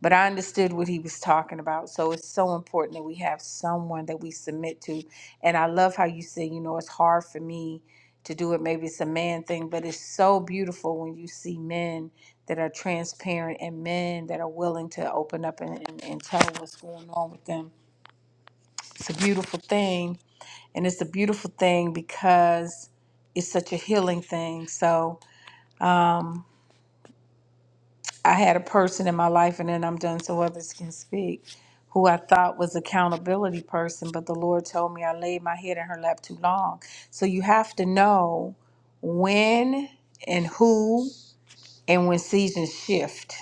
S3: But I understood what he was talking about. So it's so important that we have someone that we submit to. And I love how you say, you know, it's hard for me to do it. Maybe it's a man thing, but it's so beautiful when you see men that are transparent and men that are willing to open up and, and, and tell what's going on with them. It's a beautiful thing. And it's a beautiful thing because it's such a healing thing. So, I had a person in my life, and then I'm done so others can speak, who I thought was accountability person, but the Lord told me I laid my head in her lap too long. So you have to know when and who and when seasons shift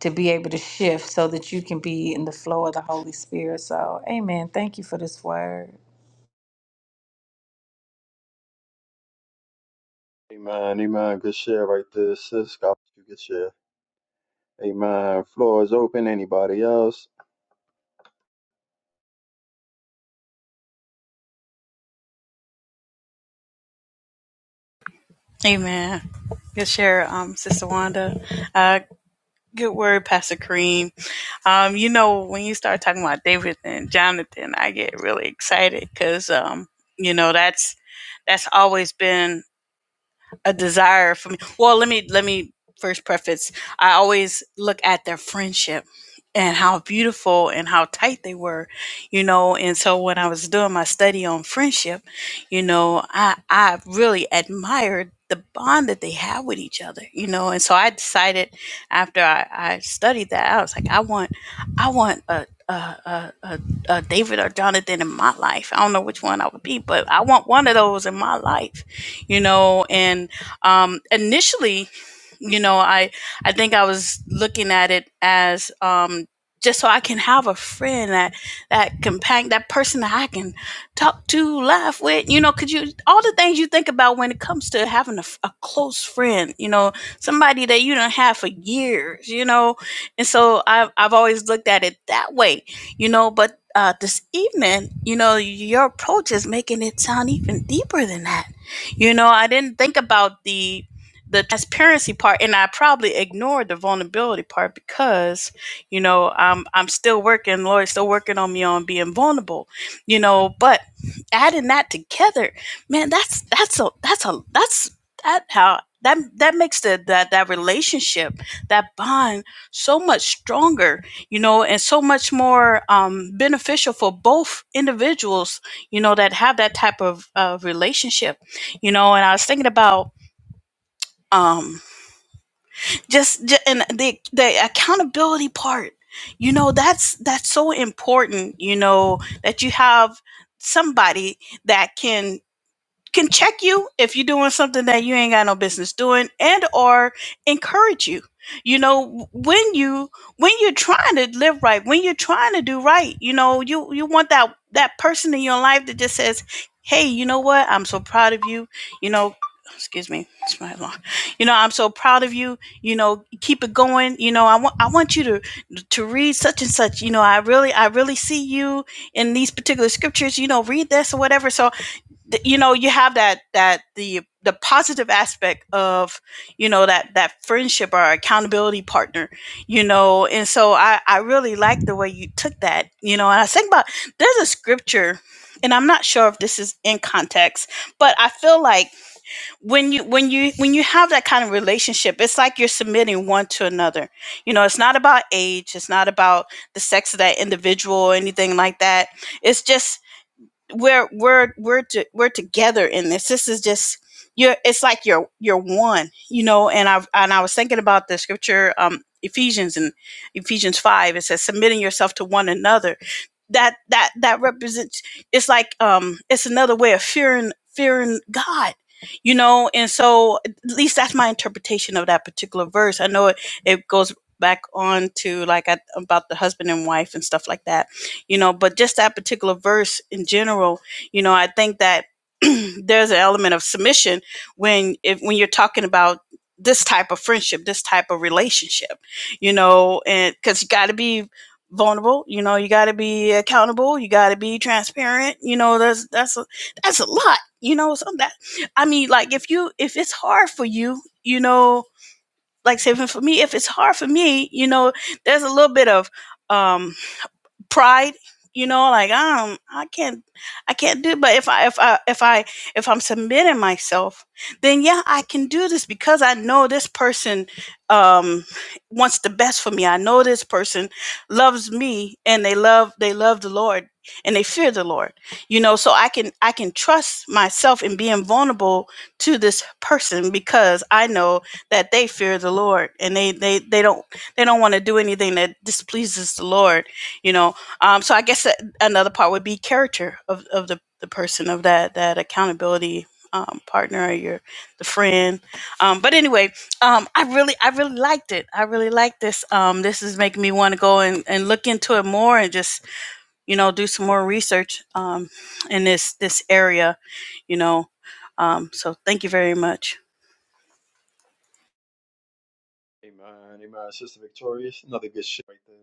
S3: to be able to shift so that you can be in the flow of the Holy Spirit. So, amen. Thank you for this word.
S2: Amen. Amen. Good share right there, sis. God bless you. Good share. Amen. Floor is open. Anybody else?
S1: Amen. Good share, um, Sister Wanda. Uh, good word, Pastor Kareem. Um, you know, when you start talking about David and Jonathan, I get really excited because um, you know that's that's always been a desire for me. Well, let me let me first preface. I always look at their friendship and how beautiful and how tight they were, you know. And so when I was doing my study on friendship, you know, I I really admired the bond that they had with each other, you know. And so I decided after I, I studied that, I was like, I want I want a a, a, a a David or Jonathan in my life. I don't know which one I would be, but I want one of those in my life you know and um, initially, you know, I I think I was looking at it as um, just so I can have a friend that that companion, that person that I can talk to, laugh with. You know, could you all the things you think about when it comes to having a, f- a close friend? You know, somebody that you don't have for years. You know, and so I've I've always looked at it that way. You know, but uh, this evening, you know, your approach is making it sound even deeper than that you know, I didn't think about the the transparency part and I probably ignored the vulnerability part because, you know, I'm I'm still working, Lori's still working on me on being vulnerable, you know, but adding that together, man, that's that's a that's a that's that how that that makes the that that relationship, that bond so much stronger, you know, and so much more um beneficial for both individuals, you know, that have that type of uh, relationship you know and i was thinking about um just, ju- and the the accountability part you know that's that's so important you know that you have somebody that can can check you if you're doing something that you ain't got no business doing and or encourage you you know when you when you're trying to live right when you're trying to do right you know you you want that that person in your life that just says hey you know what i'm so proud of you you know excuse me it's my alarm you know i'm so proud of you you know keep it going you know i want i want you to to read such and such you know i really i really see you in these particular scriptures you know read this or whatever so you know you have that that the the positive aspect of you know that that friendship or accountability partner you know and so i i really like the way you took that you know and i think about there's a scripture and i'm not sure if this is in context but i feel like when you when you when you have that kind of relationship it's like you're submitting one to another you know it's not about age it's not about the sex of that individual or anything like that it's just we're we're we're to, we're together in this. This is just you're. It's like you're you're one, you know. And I and I was thinking about the scripture, um, Ephesians and Ephesians five. It says submitting yourself to one another. That that that represents. It's like um, it's another way of fearing fearing God. You know, and so at least that's my interpretation of that particular verse. I know it, it goes back on to like I, about the husband and wife and stuff like that you know but just that particular verse in general you know i think that [clears throat] there's an element of submission when if when you're talking about this type of friendship this type of relationship you know and because you got to be vulnerable you know you got to be accountable you got to be transparent you know there's that's a, that's a lot you know so that i mean like if you if it's hard for you you know like say for me if it's hard for me you know there's a little bit of um pride you know like um i can't i can't do it. but if i if i if i if i'm submitting myself then yeah i can do this because i know this person um wants the best for me i know this person loves me and they love they love the lord and they fear the lord you know so i can i can trust myself in being vulnerable to this person because i know that they fear the lord and they they they don't they don't want to do anything that displeases the lord you know um, so I guess another part would be character of, of the, the person of that that accountability um, partner or your the friend. Um, but anyway, um, I really I really liked it. I really liked this. Um, this is making me want to go and, and look into it more and just you know do some more research um, in this this area. You know, um, so thank you very much.
S2: Amen. Amen. Sister Victorious, another good share right there.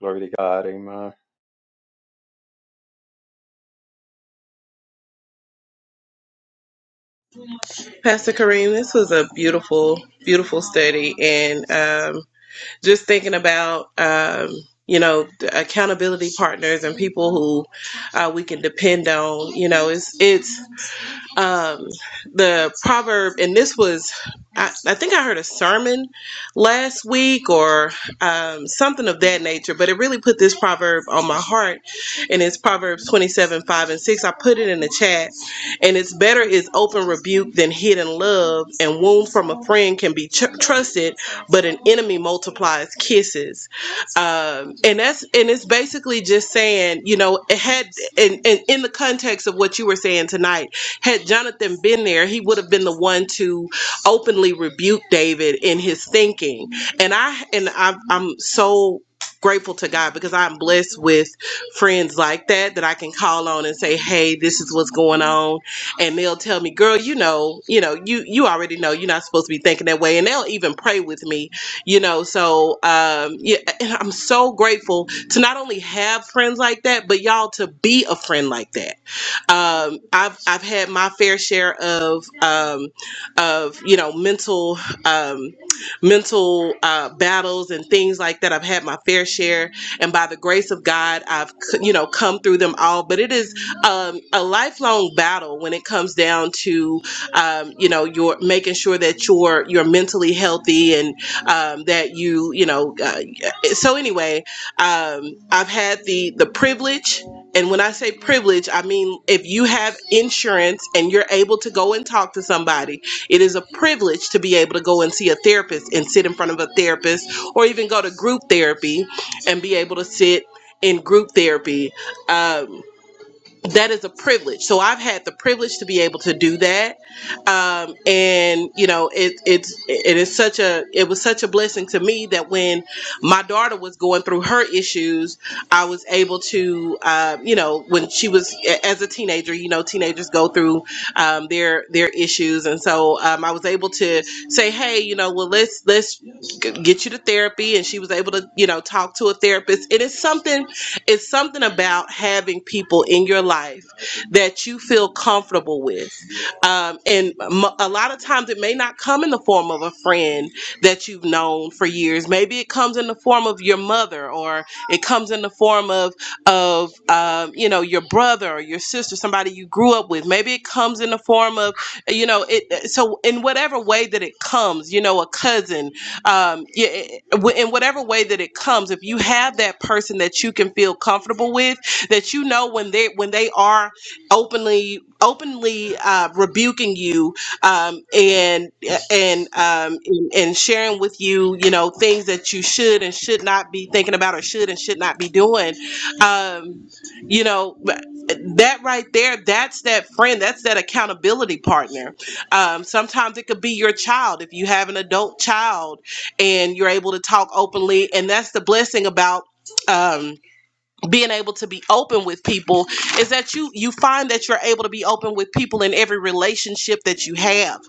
S2: Glory to God. Amen.
S6: Pastor Kareem, this was a beautiful, beautiful study, and um, just thinking about um, you know the accountability partners and people who uh, we can depend on. You know, it's it's um, the proverb, and this was, I, I think I heard a sermon last week or um, something of that nature, but it really put this proverb on my heart. And it's Proverbs 27 5 and 6. I put it in the chat. And it's better is open rebuke than hidden love, and wound from a friend can be tr- trusted, but an enemy multiplies kisses. Um, and that's and it's basically just saying, you know, it had and, and in the context of what you were saying tonight had Jonathan been there, he would have been the one to openly rebuke David in his thinking. And I and I, I'm so grateful to God because I'm blessed with friends like that that I can call on and say, "Hey, this is what's going on," and they'll tell me, "Girl, you know, you know, you you already know you're not supposed to be thinking that way," and they'll even pray with me, you know. So um, yeah, and I'm so grateful to not only have friends like that, but y'all to be a friend like that um, I've I've had my fair share of um, of you know mental um, mental uh, battles and things like that. I've had my fair share, and by the grace of God, I've c- you know come through them all. But it is um, a lifelong battle when it comes down to um, you know your making sure that you're you're mentally healthy and um, that you you know. Uh, so anyway, um, I've had the the privilege and when I say privilege, I mean if you have insurance and you're able to go and talk to somebody, it is a privilege to be able to go and see a therapist and sit in front of a therapist or even go to group therapy and be able to sit in group therapy. Um, that is a privilege. So I've had the privilege to be able to do that um, and you know it, it's it is such a it was such a blessing to me that when my daughter was going through her issues i was able to um, you know when she was as a teenager you know teenagers go through um, their their issues and so um, i was able to say hey you know well let's let's g- get you to therapy and she was able to you know talk to a therapist it is something it's something about having people in your life that you feel comfortable with um, and mo- a lot of times it may not come in the form of a friend that you've known for years. Maybe it comes in the form of your mother, or it comes in the form of of um, you know your brother or your sister, somebody you grew up with. Maybe it comes in the form of you know it. uh, So in whatever way that it comes, you know, a cousin, um, yeah, it- it- in whatever way that it comes, if you have that person that you can feel comfortable with, that you know when they when they are openly openly uh, rebuking you um, and and um, and and sharing with you you know things that you should and should not be thinking about or should and should not be doing um, you know but that right there that's that friend that's that accountability partner um, sometimes it could be your child if you have an adult child and you're able to talk openly and that's the blessing about um, being able to be open with people is that you you find that you're able to be open with people in every relationship that you have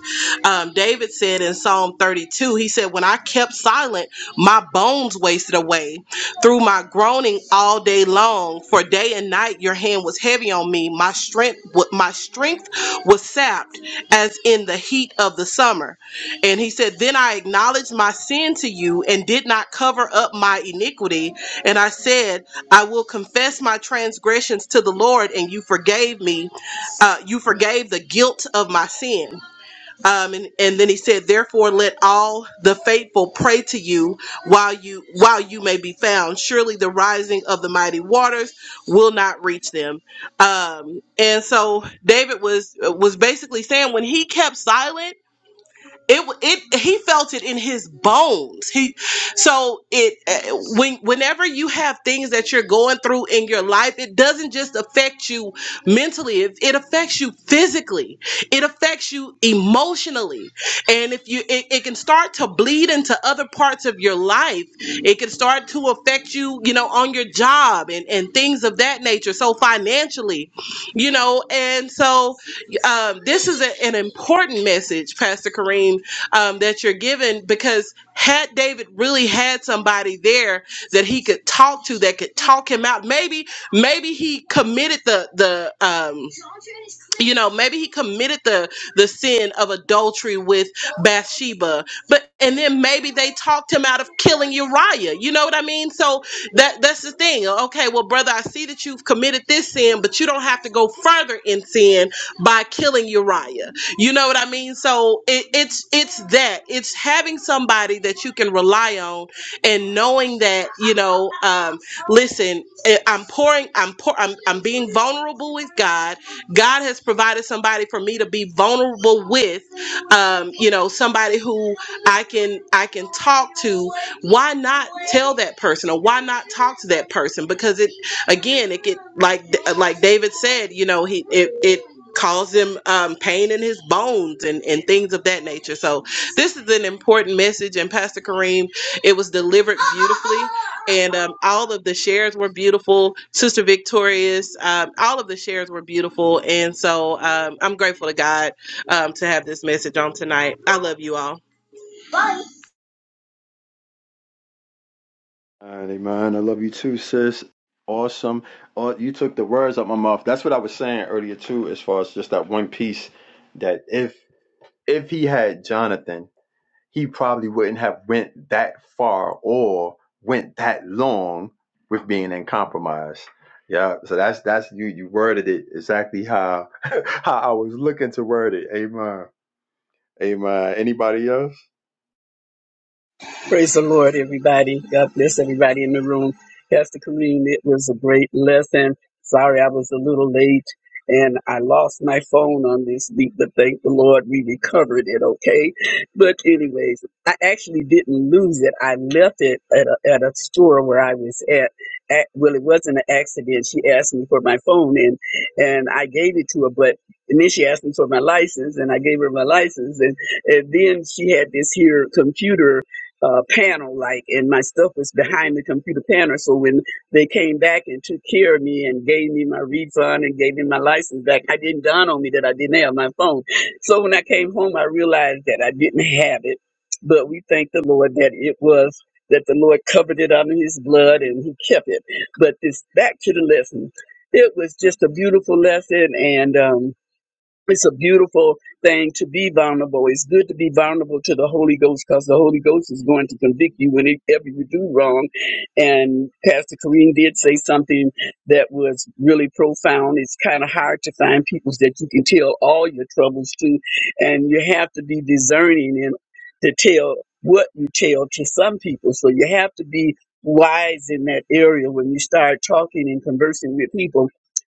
S6: um, david said in psalm 32 he said when i kept silent my bones wasted away through my groaning all day long for day and night your hand was heavy on me my strength wa- my strength was sapped as in the heat of the summer and he said then i acknowledged my sin to you and did not cover up my iniquity and i said I will confess my transgressions to the Lord, and you forgave me. Uh, you forgave the guilt of my sin. Um, and, and then he said, "Therefore, let all the faithful pray to you while you while you may be found. Surely the rising of the mighty waters will not reach them." Um, and so David was was basically saying when he kept silent it it he felt it in his bones he so it uh, when whenever you have things that you're going through in your life it doesn't just affect you mentally it, it affects you physically it affects you emotionally and if you it, it can start to bleed into other parts of your life it can start to affect you you know on your job and and things of that nature so financially you know and so um, this is a- an important message, Pastor Kareem, um, that you're giving because had David really had somebody there that he could talk to, that could talk him out, maybe, maybe he committed the the um, you know maybe he committed the the sin of adultery with bathsheba but and then maybe they talked him out of killing uriah you know what i mean so that that's the thing okay well brother i see that you've committed this sin but you don't have to go further in sin by killing uriah you know what i mean so it, it's it's that it's having somebody that you can rely on and knowing that you know uh, um, listen, eh, I'm pouring, I'm pour, I'm, I'm being vulnerable with God. God has provided somebody for me to be vulnerable with, um, you know, somebody who I can, I can talk to. Why not tell that person, or why not talk to that person? Because it, again, it get like, like David said, you know, he, it, it caused him um, pain in his bones and, and things of that nature. So this is an important message, and Pastor Kareem, it was delivered beautifully and um, all of the shares were beautiful. Sister Victorious, um, all of the shares were beautiful, and so um, I'm grateful to God um, to have this message on tonight. I love you all.
S2: Alrighty, man. I love you too, sis. Awesome. Oh, you took the words out my mouth. That's what I was saying earlier too, as far as just that one piece. That if if he had Jonathan, he probably wouldn't have went that far or went that long with being in compromise. Yeah. So that's that's you. You worded it exactly how [laughs] how I was looking to word it. Amen. Amen. Anybody else?
S5: Praise the Lord, everybody. God bless everybody in the room. Pastor Kareem, it was a great lesson. Sorry I was a little late and I lost my phone on this week, but thank the Lord we recovered it, okay? But anyways, I actually didn't lose it. I left it at a, at a store where I was at. at. Well, it wasn't an accident. She asked me for my phone and, and I gave it to her, but and then she asked me for my license and I gave her my license and, and then she had this here computer uh, panel, like, and my stuff was behind the computer panel. So when they came back and took care of me and gave me my refund and gave me my license back, I didn't dawn on me that I didn't have my phone. So when I came home, I realized that I didn't have it. But we thank the Lord that it was that the Lord covered it under His blood and He kept it. But this back to the lesson. It was just a beautiful lesson, and um, it's a beautiful thing to be vulnerable. It's good to be vulnerable to the Holy Ghost because the Holy Ghost is going to convict you whenever you do wrong. And Pastor Kareem did say something that was really profound. It's kind of hard to find people that you can tell all your troubles to, and you have to be discerning and to tell what you tell to some people. So you have to be wise in that area when you start talking and conversing with people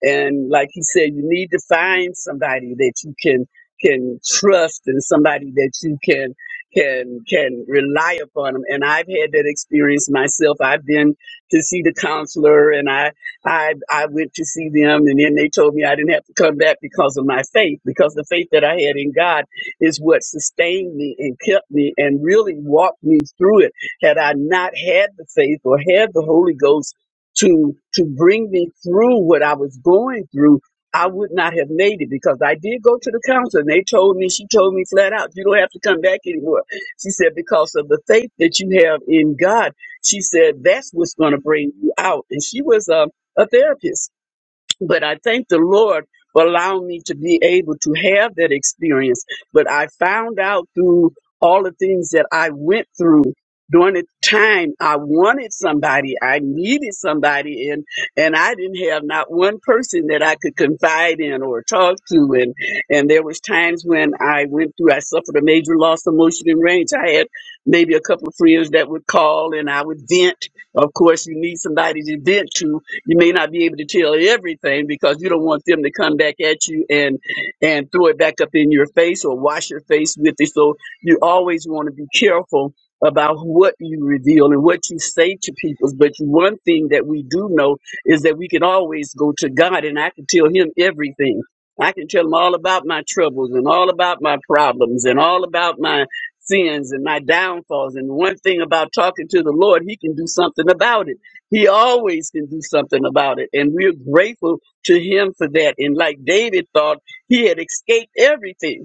S5: and like he said you need to find somebody that you can can trust and somebody that you can can can rely upon them and i've had that experience myself i've been to see the counselor and i i i went to see them and then they told me i didn't have to come back because of my faith because the faith that i had in god is what sustained me and kept me and really walked me through it had i not had the faith or had the holy ghost to to bring me through what I was going through, I would not have made it because I did go to the counselor and they told me, she told me flat out, you don't have to come back anymore. She said, because of the faith that you have in God, she said, that's what's going to bring you out. And she was a, a therapist. But I thank the Lord for allowing me to be able to have that experience. But I found out through all the things that I went through during the time I wanted somebody, I needed somebody, and and I didn't have not one person that I could confide in or talk to. And and there was times when I went through, I suffered a major loss of motion and range. I had maybe a couple of friends that would call, and I would vent. Of course, you need somebody to vent to, you may not be able to tell everything because you don't want them to come back at you and and throw it back up in your face or wash your face with it. So you always want to be careful about what you reveal and what you say to people. But one thing that we do know is that we can always go to God and I can tell him everything. I can tell him all about my troubles and all about my problems and all about my sins and my downfalls. And one thing about talking to the Lord, he can do something about it he always can do something about it. And we're grateful to him for that. And like David thought, he had escaped everything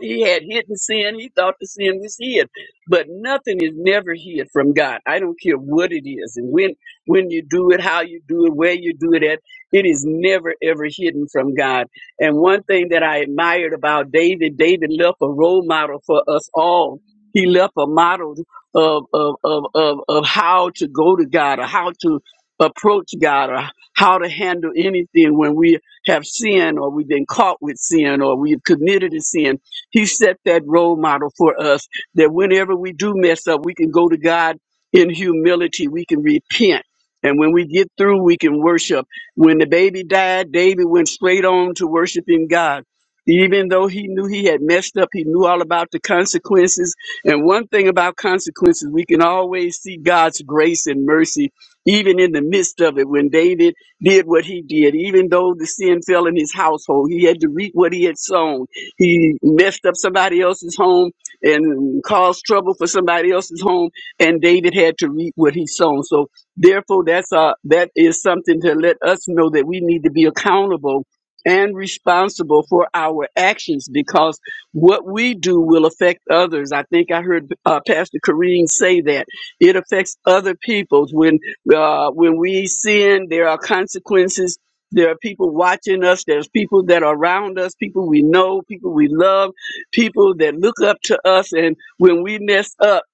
S5: he had hidden sin. He thought the sin was hid, but nothing is never hid from God. I don't care what it is, and when when you do it, how you do it, where you do it at, it is never ever hidden from God. And one thing that I admired about David, David left a role model for us all. He left a model of of of of, of how to go to God, or how to approach God, or how to handle anything when we have sinned, or we've been caught with sin, or we've committed a sin he set that role model for us that whenever we do mess up, we can go to God in humility, we can repent. And when we get through, we can worship. When the baby died, David went straight on to worshiping God. Even though he knew he had messed up, he knew all about the consequences. And one thing about consequences, we can always see God's grace and mercy, even in the midst of it. When David did what he did, even though the sin fell in his household, he had to reap what he had sown he messed up somebody else's home and caused trouble for somebody else's home, and David had to reap what he sown. So therefore, that's uh that is something to let us know that we need to be accountable and responsible for our actions because what we do will affect others. I think I heard uh, Pastor Kareem say that it affects other peoples when uh, when we sin, there are consequences there are people watching us. There's people that are around us, people we know, people we love, people that look up to us. And when we mess up,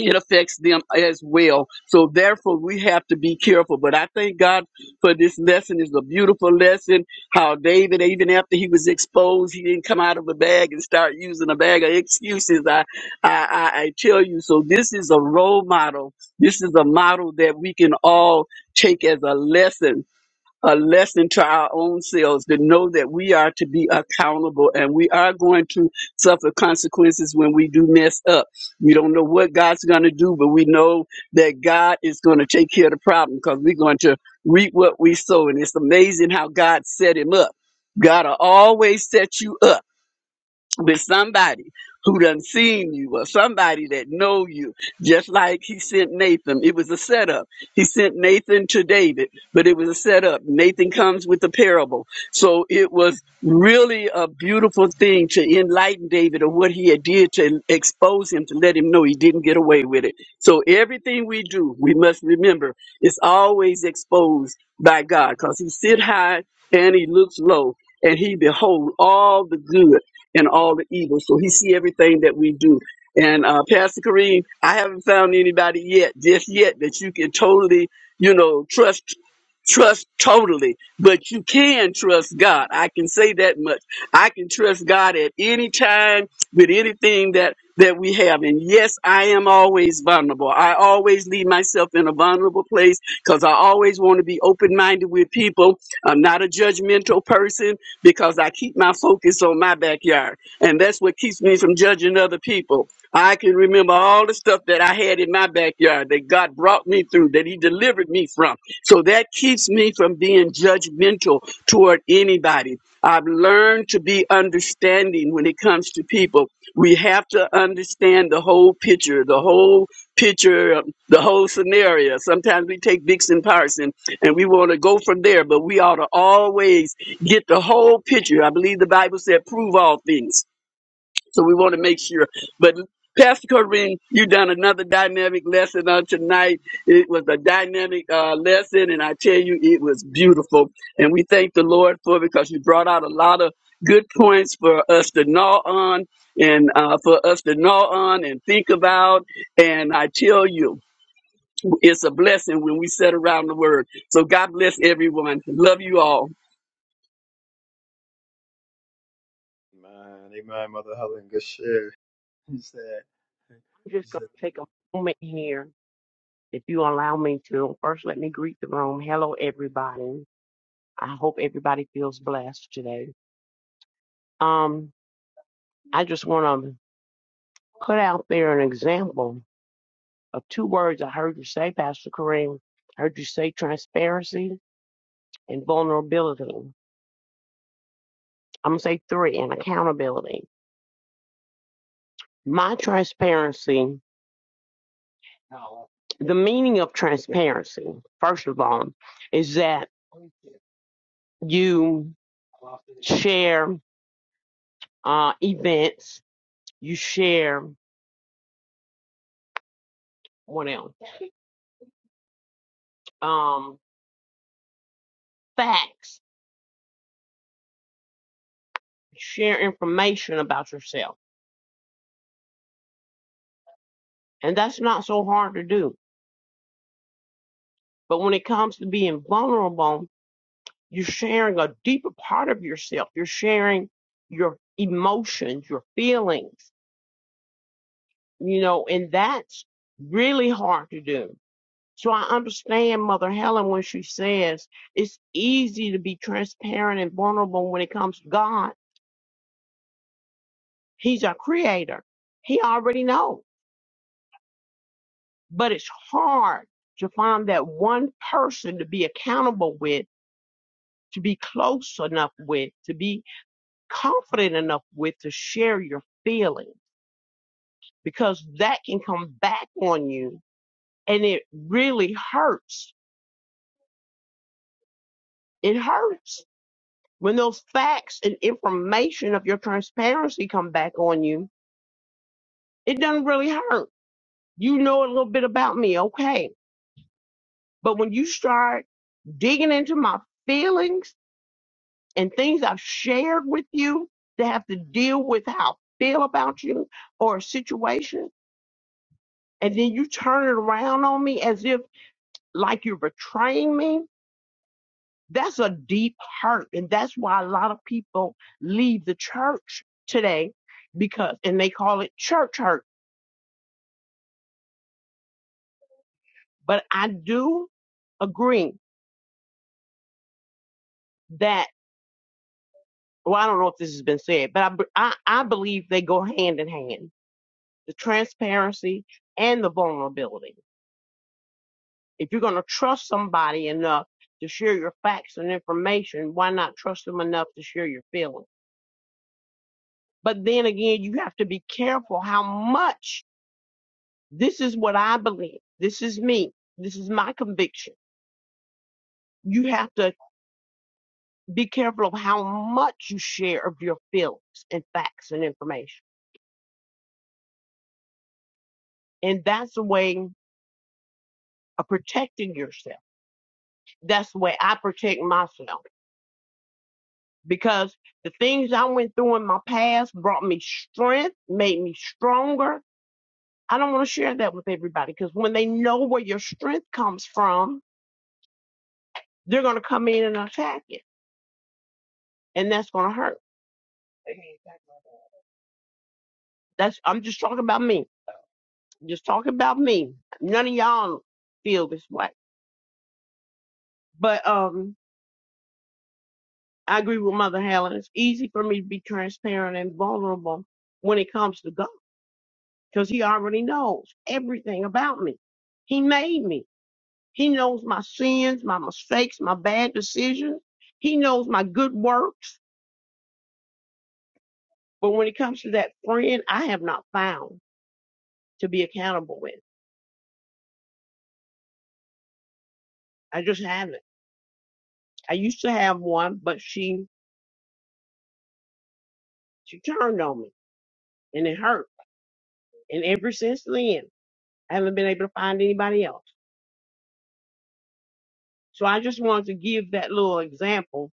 S5: it affects them as well. So therefore, we have to be careful. But I thank God for this lesson. It's a beautiful lesson. How David, even after he was exposed, he didn't come out of a bag and start using a bag of excuses. I, I, I I tell you. So this is a role model. This is a model that we can all take as a lesson a lesson to our own selves to know that we are to be accountable and we are going to suffer consequences when we do mess up. We don't know what God's going to do, but we know that God is going to take care of the problem because we're going to reap what we sow. And it's amazing how God set him up. God will always set you up with somebody who done seen you or somebody that know you just like he sent nathan it was a setup he sent nathan to david but it was a setup nathan comes with the parable so it was really a beautiful thing to enlighten david of what he had did to expose him to let him know he didn't get away with it so everything we do we must remember it's always exposed by god because he sit high and he looks low and he behold all the good and all the evil. So he see everything that we do. And uh, Pastor Kareem, I haven't found anybody yet, just yet, that you can totally, you know, trust trust totally but you can trust god i can say that much i can trust god at any time with anything that that we have and yes i am always vulnerable i always leave myself in a vulnerable place because i always want to be open-minded with people i'm not a judgmental person because I keep my focus on my backyard. And that's what keeps me from judging other people. I can remember all the stuff that I had in my backyard that God brought me through, that He delivered me from. So that keeps me from being judgmental toward anybody. I've learned to be understanding when it comes to people. We have to understand the whole picture, the whole picture, um, the whole scenario. Sometimes we take Vixen Parson and we want to go from there, but we ought to always get the whole picture. I believe the Bible said, prove all things. So we want to make sure. But Pastor Corinne, you done another dynamic lesson on tonight. It was a dynamic uh, lesson, and I tell you, it was beautiful. And we thank the Lord for it because you brought out a lot of good points for us to gnaw on and uh, for us to gnaw on and think about. And I tell you, it's a blessing when we sit around the word. So God bless everyone. Love you all.
S2: Amen. Amen. Mother Helen, good share. [laughs]
S7: I'm
S2: He
S7: just
S2: said.
S7: going to take a moment here, if you allow me to. First, let me greet the room. Hello, everybody. I hope everybody feels blessed today. Um, I just want to put out there an example of two words I heard you say, Pastor Kareem. I heard you say transparency and vulnerability. I'm going to say three and accountability. My transparency, the meaning of transparency, first of all, is that. You share uh, events. You share what else? Um, facts. Share information about yourself, and that's not so hard to do. But when it comes to being vulnerable, you're sharing a deeper part of yourself. You're sharing your emotions, your feelings, you know, and that's really hard to do So I understand Mother Helen when she says it's easy to be transparent and vulnerable when it comes to God. He's our creator. He already knows. But it's hard to find that one person to be accountable with, to be close enough with, to be confident enough with to share your feelings because that can come back on you and it really hurts. It hurts When those facts and information of your transparency come back on you, it doesn't really hurt. You know a little bit about me, okay. But when you start digging into my feelings and things I've shared with you that have to deal with how I feel about you or a situation, and then you turn it around on me as if like you're betraying me, that's a deep hurt. And that's why a lot of people leave the church today because, and they call it church hurt But I do agree that, well, I don't know if this has been said, but I, b- I, I believe they go hand in hand the transparency and the vulnerability. If you're going to trust somebody enough to share your facts and information, why not trust them enough to share your feelings? But then again, you have to be careful how much this is what I believe. This is me. This is my conviction. You have to be careful of how much you share of your feelings and facts and information And that's a way of protecting yourself. That's the way I protect myself because the things I went through in my past brought me strength, made me stronger. I don't want to share that with everybody because when they know where your strength comes from, they're going to come in and attack it, and that's going to hurt. That's I'm just talking about me. Just talking about me. None of y'all feel this way. But um I agree with Mother Helen. It's easy for me to be transparent and vulnerable when it comes to God. because he already knows everything about me. He made me. He knows my sins, my mistakes, my bad decisions. He knows my good works. But when it comes to that friend, I have not found to be accountable with. I just haven't. I used to have one, but she she turned on me and it hurt. And ever since then, I haven't been able to find anybody else. So I just wanted to give that little example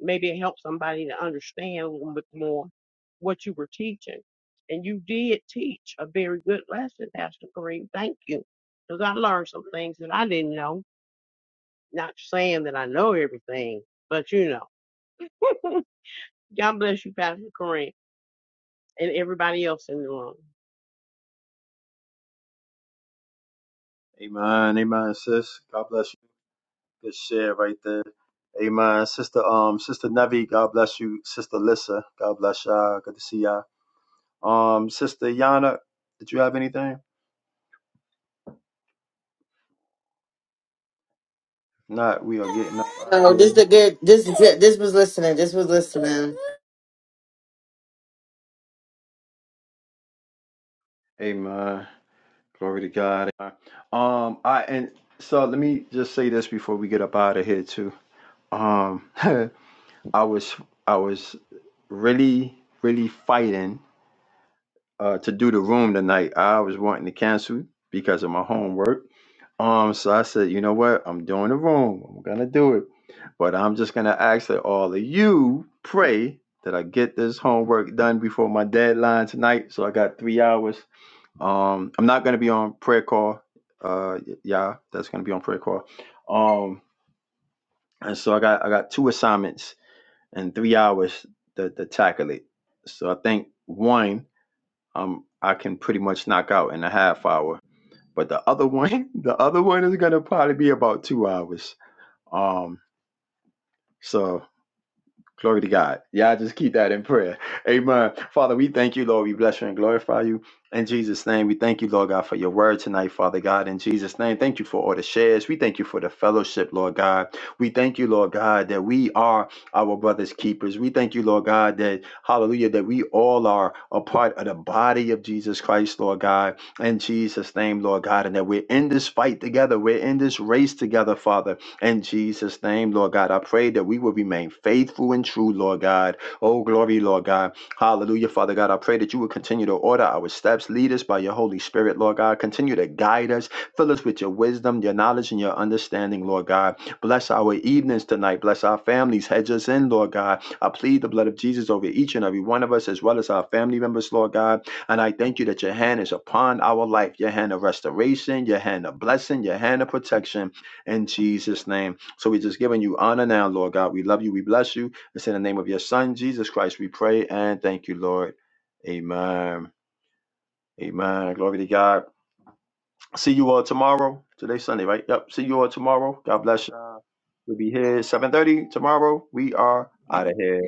S7: maybe it helped somebody to understand a little bit more what you were teaching. And you did teach a very good lesson, Pastor Green. Thank you. Because I learned some things that I didn't know. Not saying that I know everything, but you know. [laughs] God bless you, Pastor Green, and everybody else in the room.
S2: Amen. Amen, sis. God bless you. Good share right there. Amen. Sister um Sister Nevi, God bless you. Sister Lissa, God bless y'all. Good to see y'all. Um, Sister Yana, did you have anything? Not we are getting up out of
S4: No, this
S2: here.
S4: the good. This is it. This was listening. This was listening.
S2: Amen. Glory to God. Amen. Um, I and so let me just say this before we get up out of here too. Um [laughs] I was I was really, really fighting uh to do the room tonight. I was wanting to cancel because of my homework Um, so I said, you know what? I'm doing the room. I'm gonna do it. But I'm just gonna ask that all of you pray that I get this homework done before my deadline tonight. So I got three hours. Um, I'm not gonna be on prayer call. Uh y- yeah, that's gonna be on prayer call. Um, and so I got I got two assignments and three hours to, to tackle it. So I think one um I can pretty much knock out in a half hour but the other [laughs] one, the other one is gonna probably be about two hours. Um, so Glory to God. Yeah, I just keep that in prayer. Amen. Father, we thank you, Lord. We bless you and glorify you. In Jesus' name, we thank you, Lord God, for your word tonight, Father God. In Jesus' name, thank you for all the shares. We thank you for the fellowship, Lord God. We thank you, Lord God, that we are our brother's keepers. We thank you, Lord God, that, hallelujah, that we all are a part of the body of Jesus Christ, Lord God. In Jesus' name, Lord God, and that we're in this fight together. We're in this race together, Father. In Jesus' name, Lord God, I pray that we will remain faithful and true, Lord God. Oh, glory, Lord God. Hallelujah, Father God. I pray that you will continue to order our steps, lead us by your Holy Spirit, Lord God. Continue to guide us, fill us with your wisdom, your knowledge, and your understanding, Lord God. Bless our evenings tonight. Bless our families. Hedge us in, Lord God. I plead the blood of Jesus over each and every one of us, as well as our family members, Lord God. And I thank you that your hand is upon our life, your hand of restoration, your hand of blessing, your hand of protection in Jesus' name. So we're just giving you honor now, Lord God. We love you. We bless you. It's in the name of your Son, Jesus Christ, we pray and thank you, Lord. Amen. Amen. Glory to God. See you all tomorrow. Today's Sunday, right? Yep. See you all tomorrow. God bless you. We'll be here 7:30 tomorrow. We are out of here.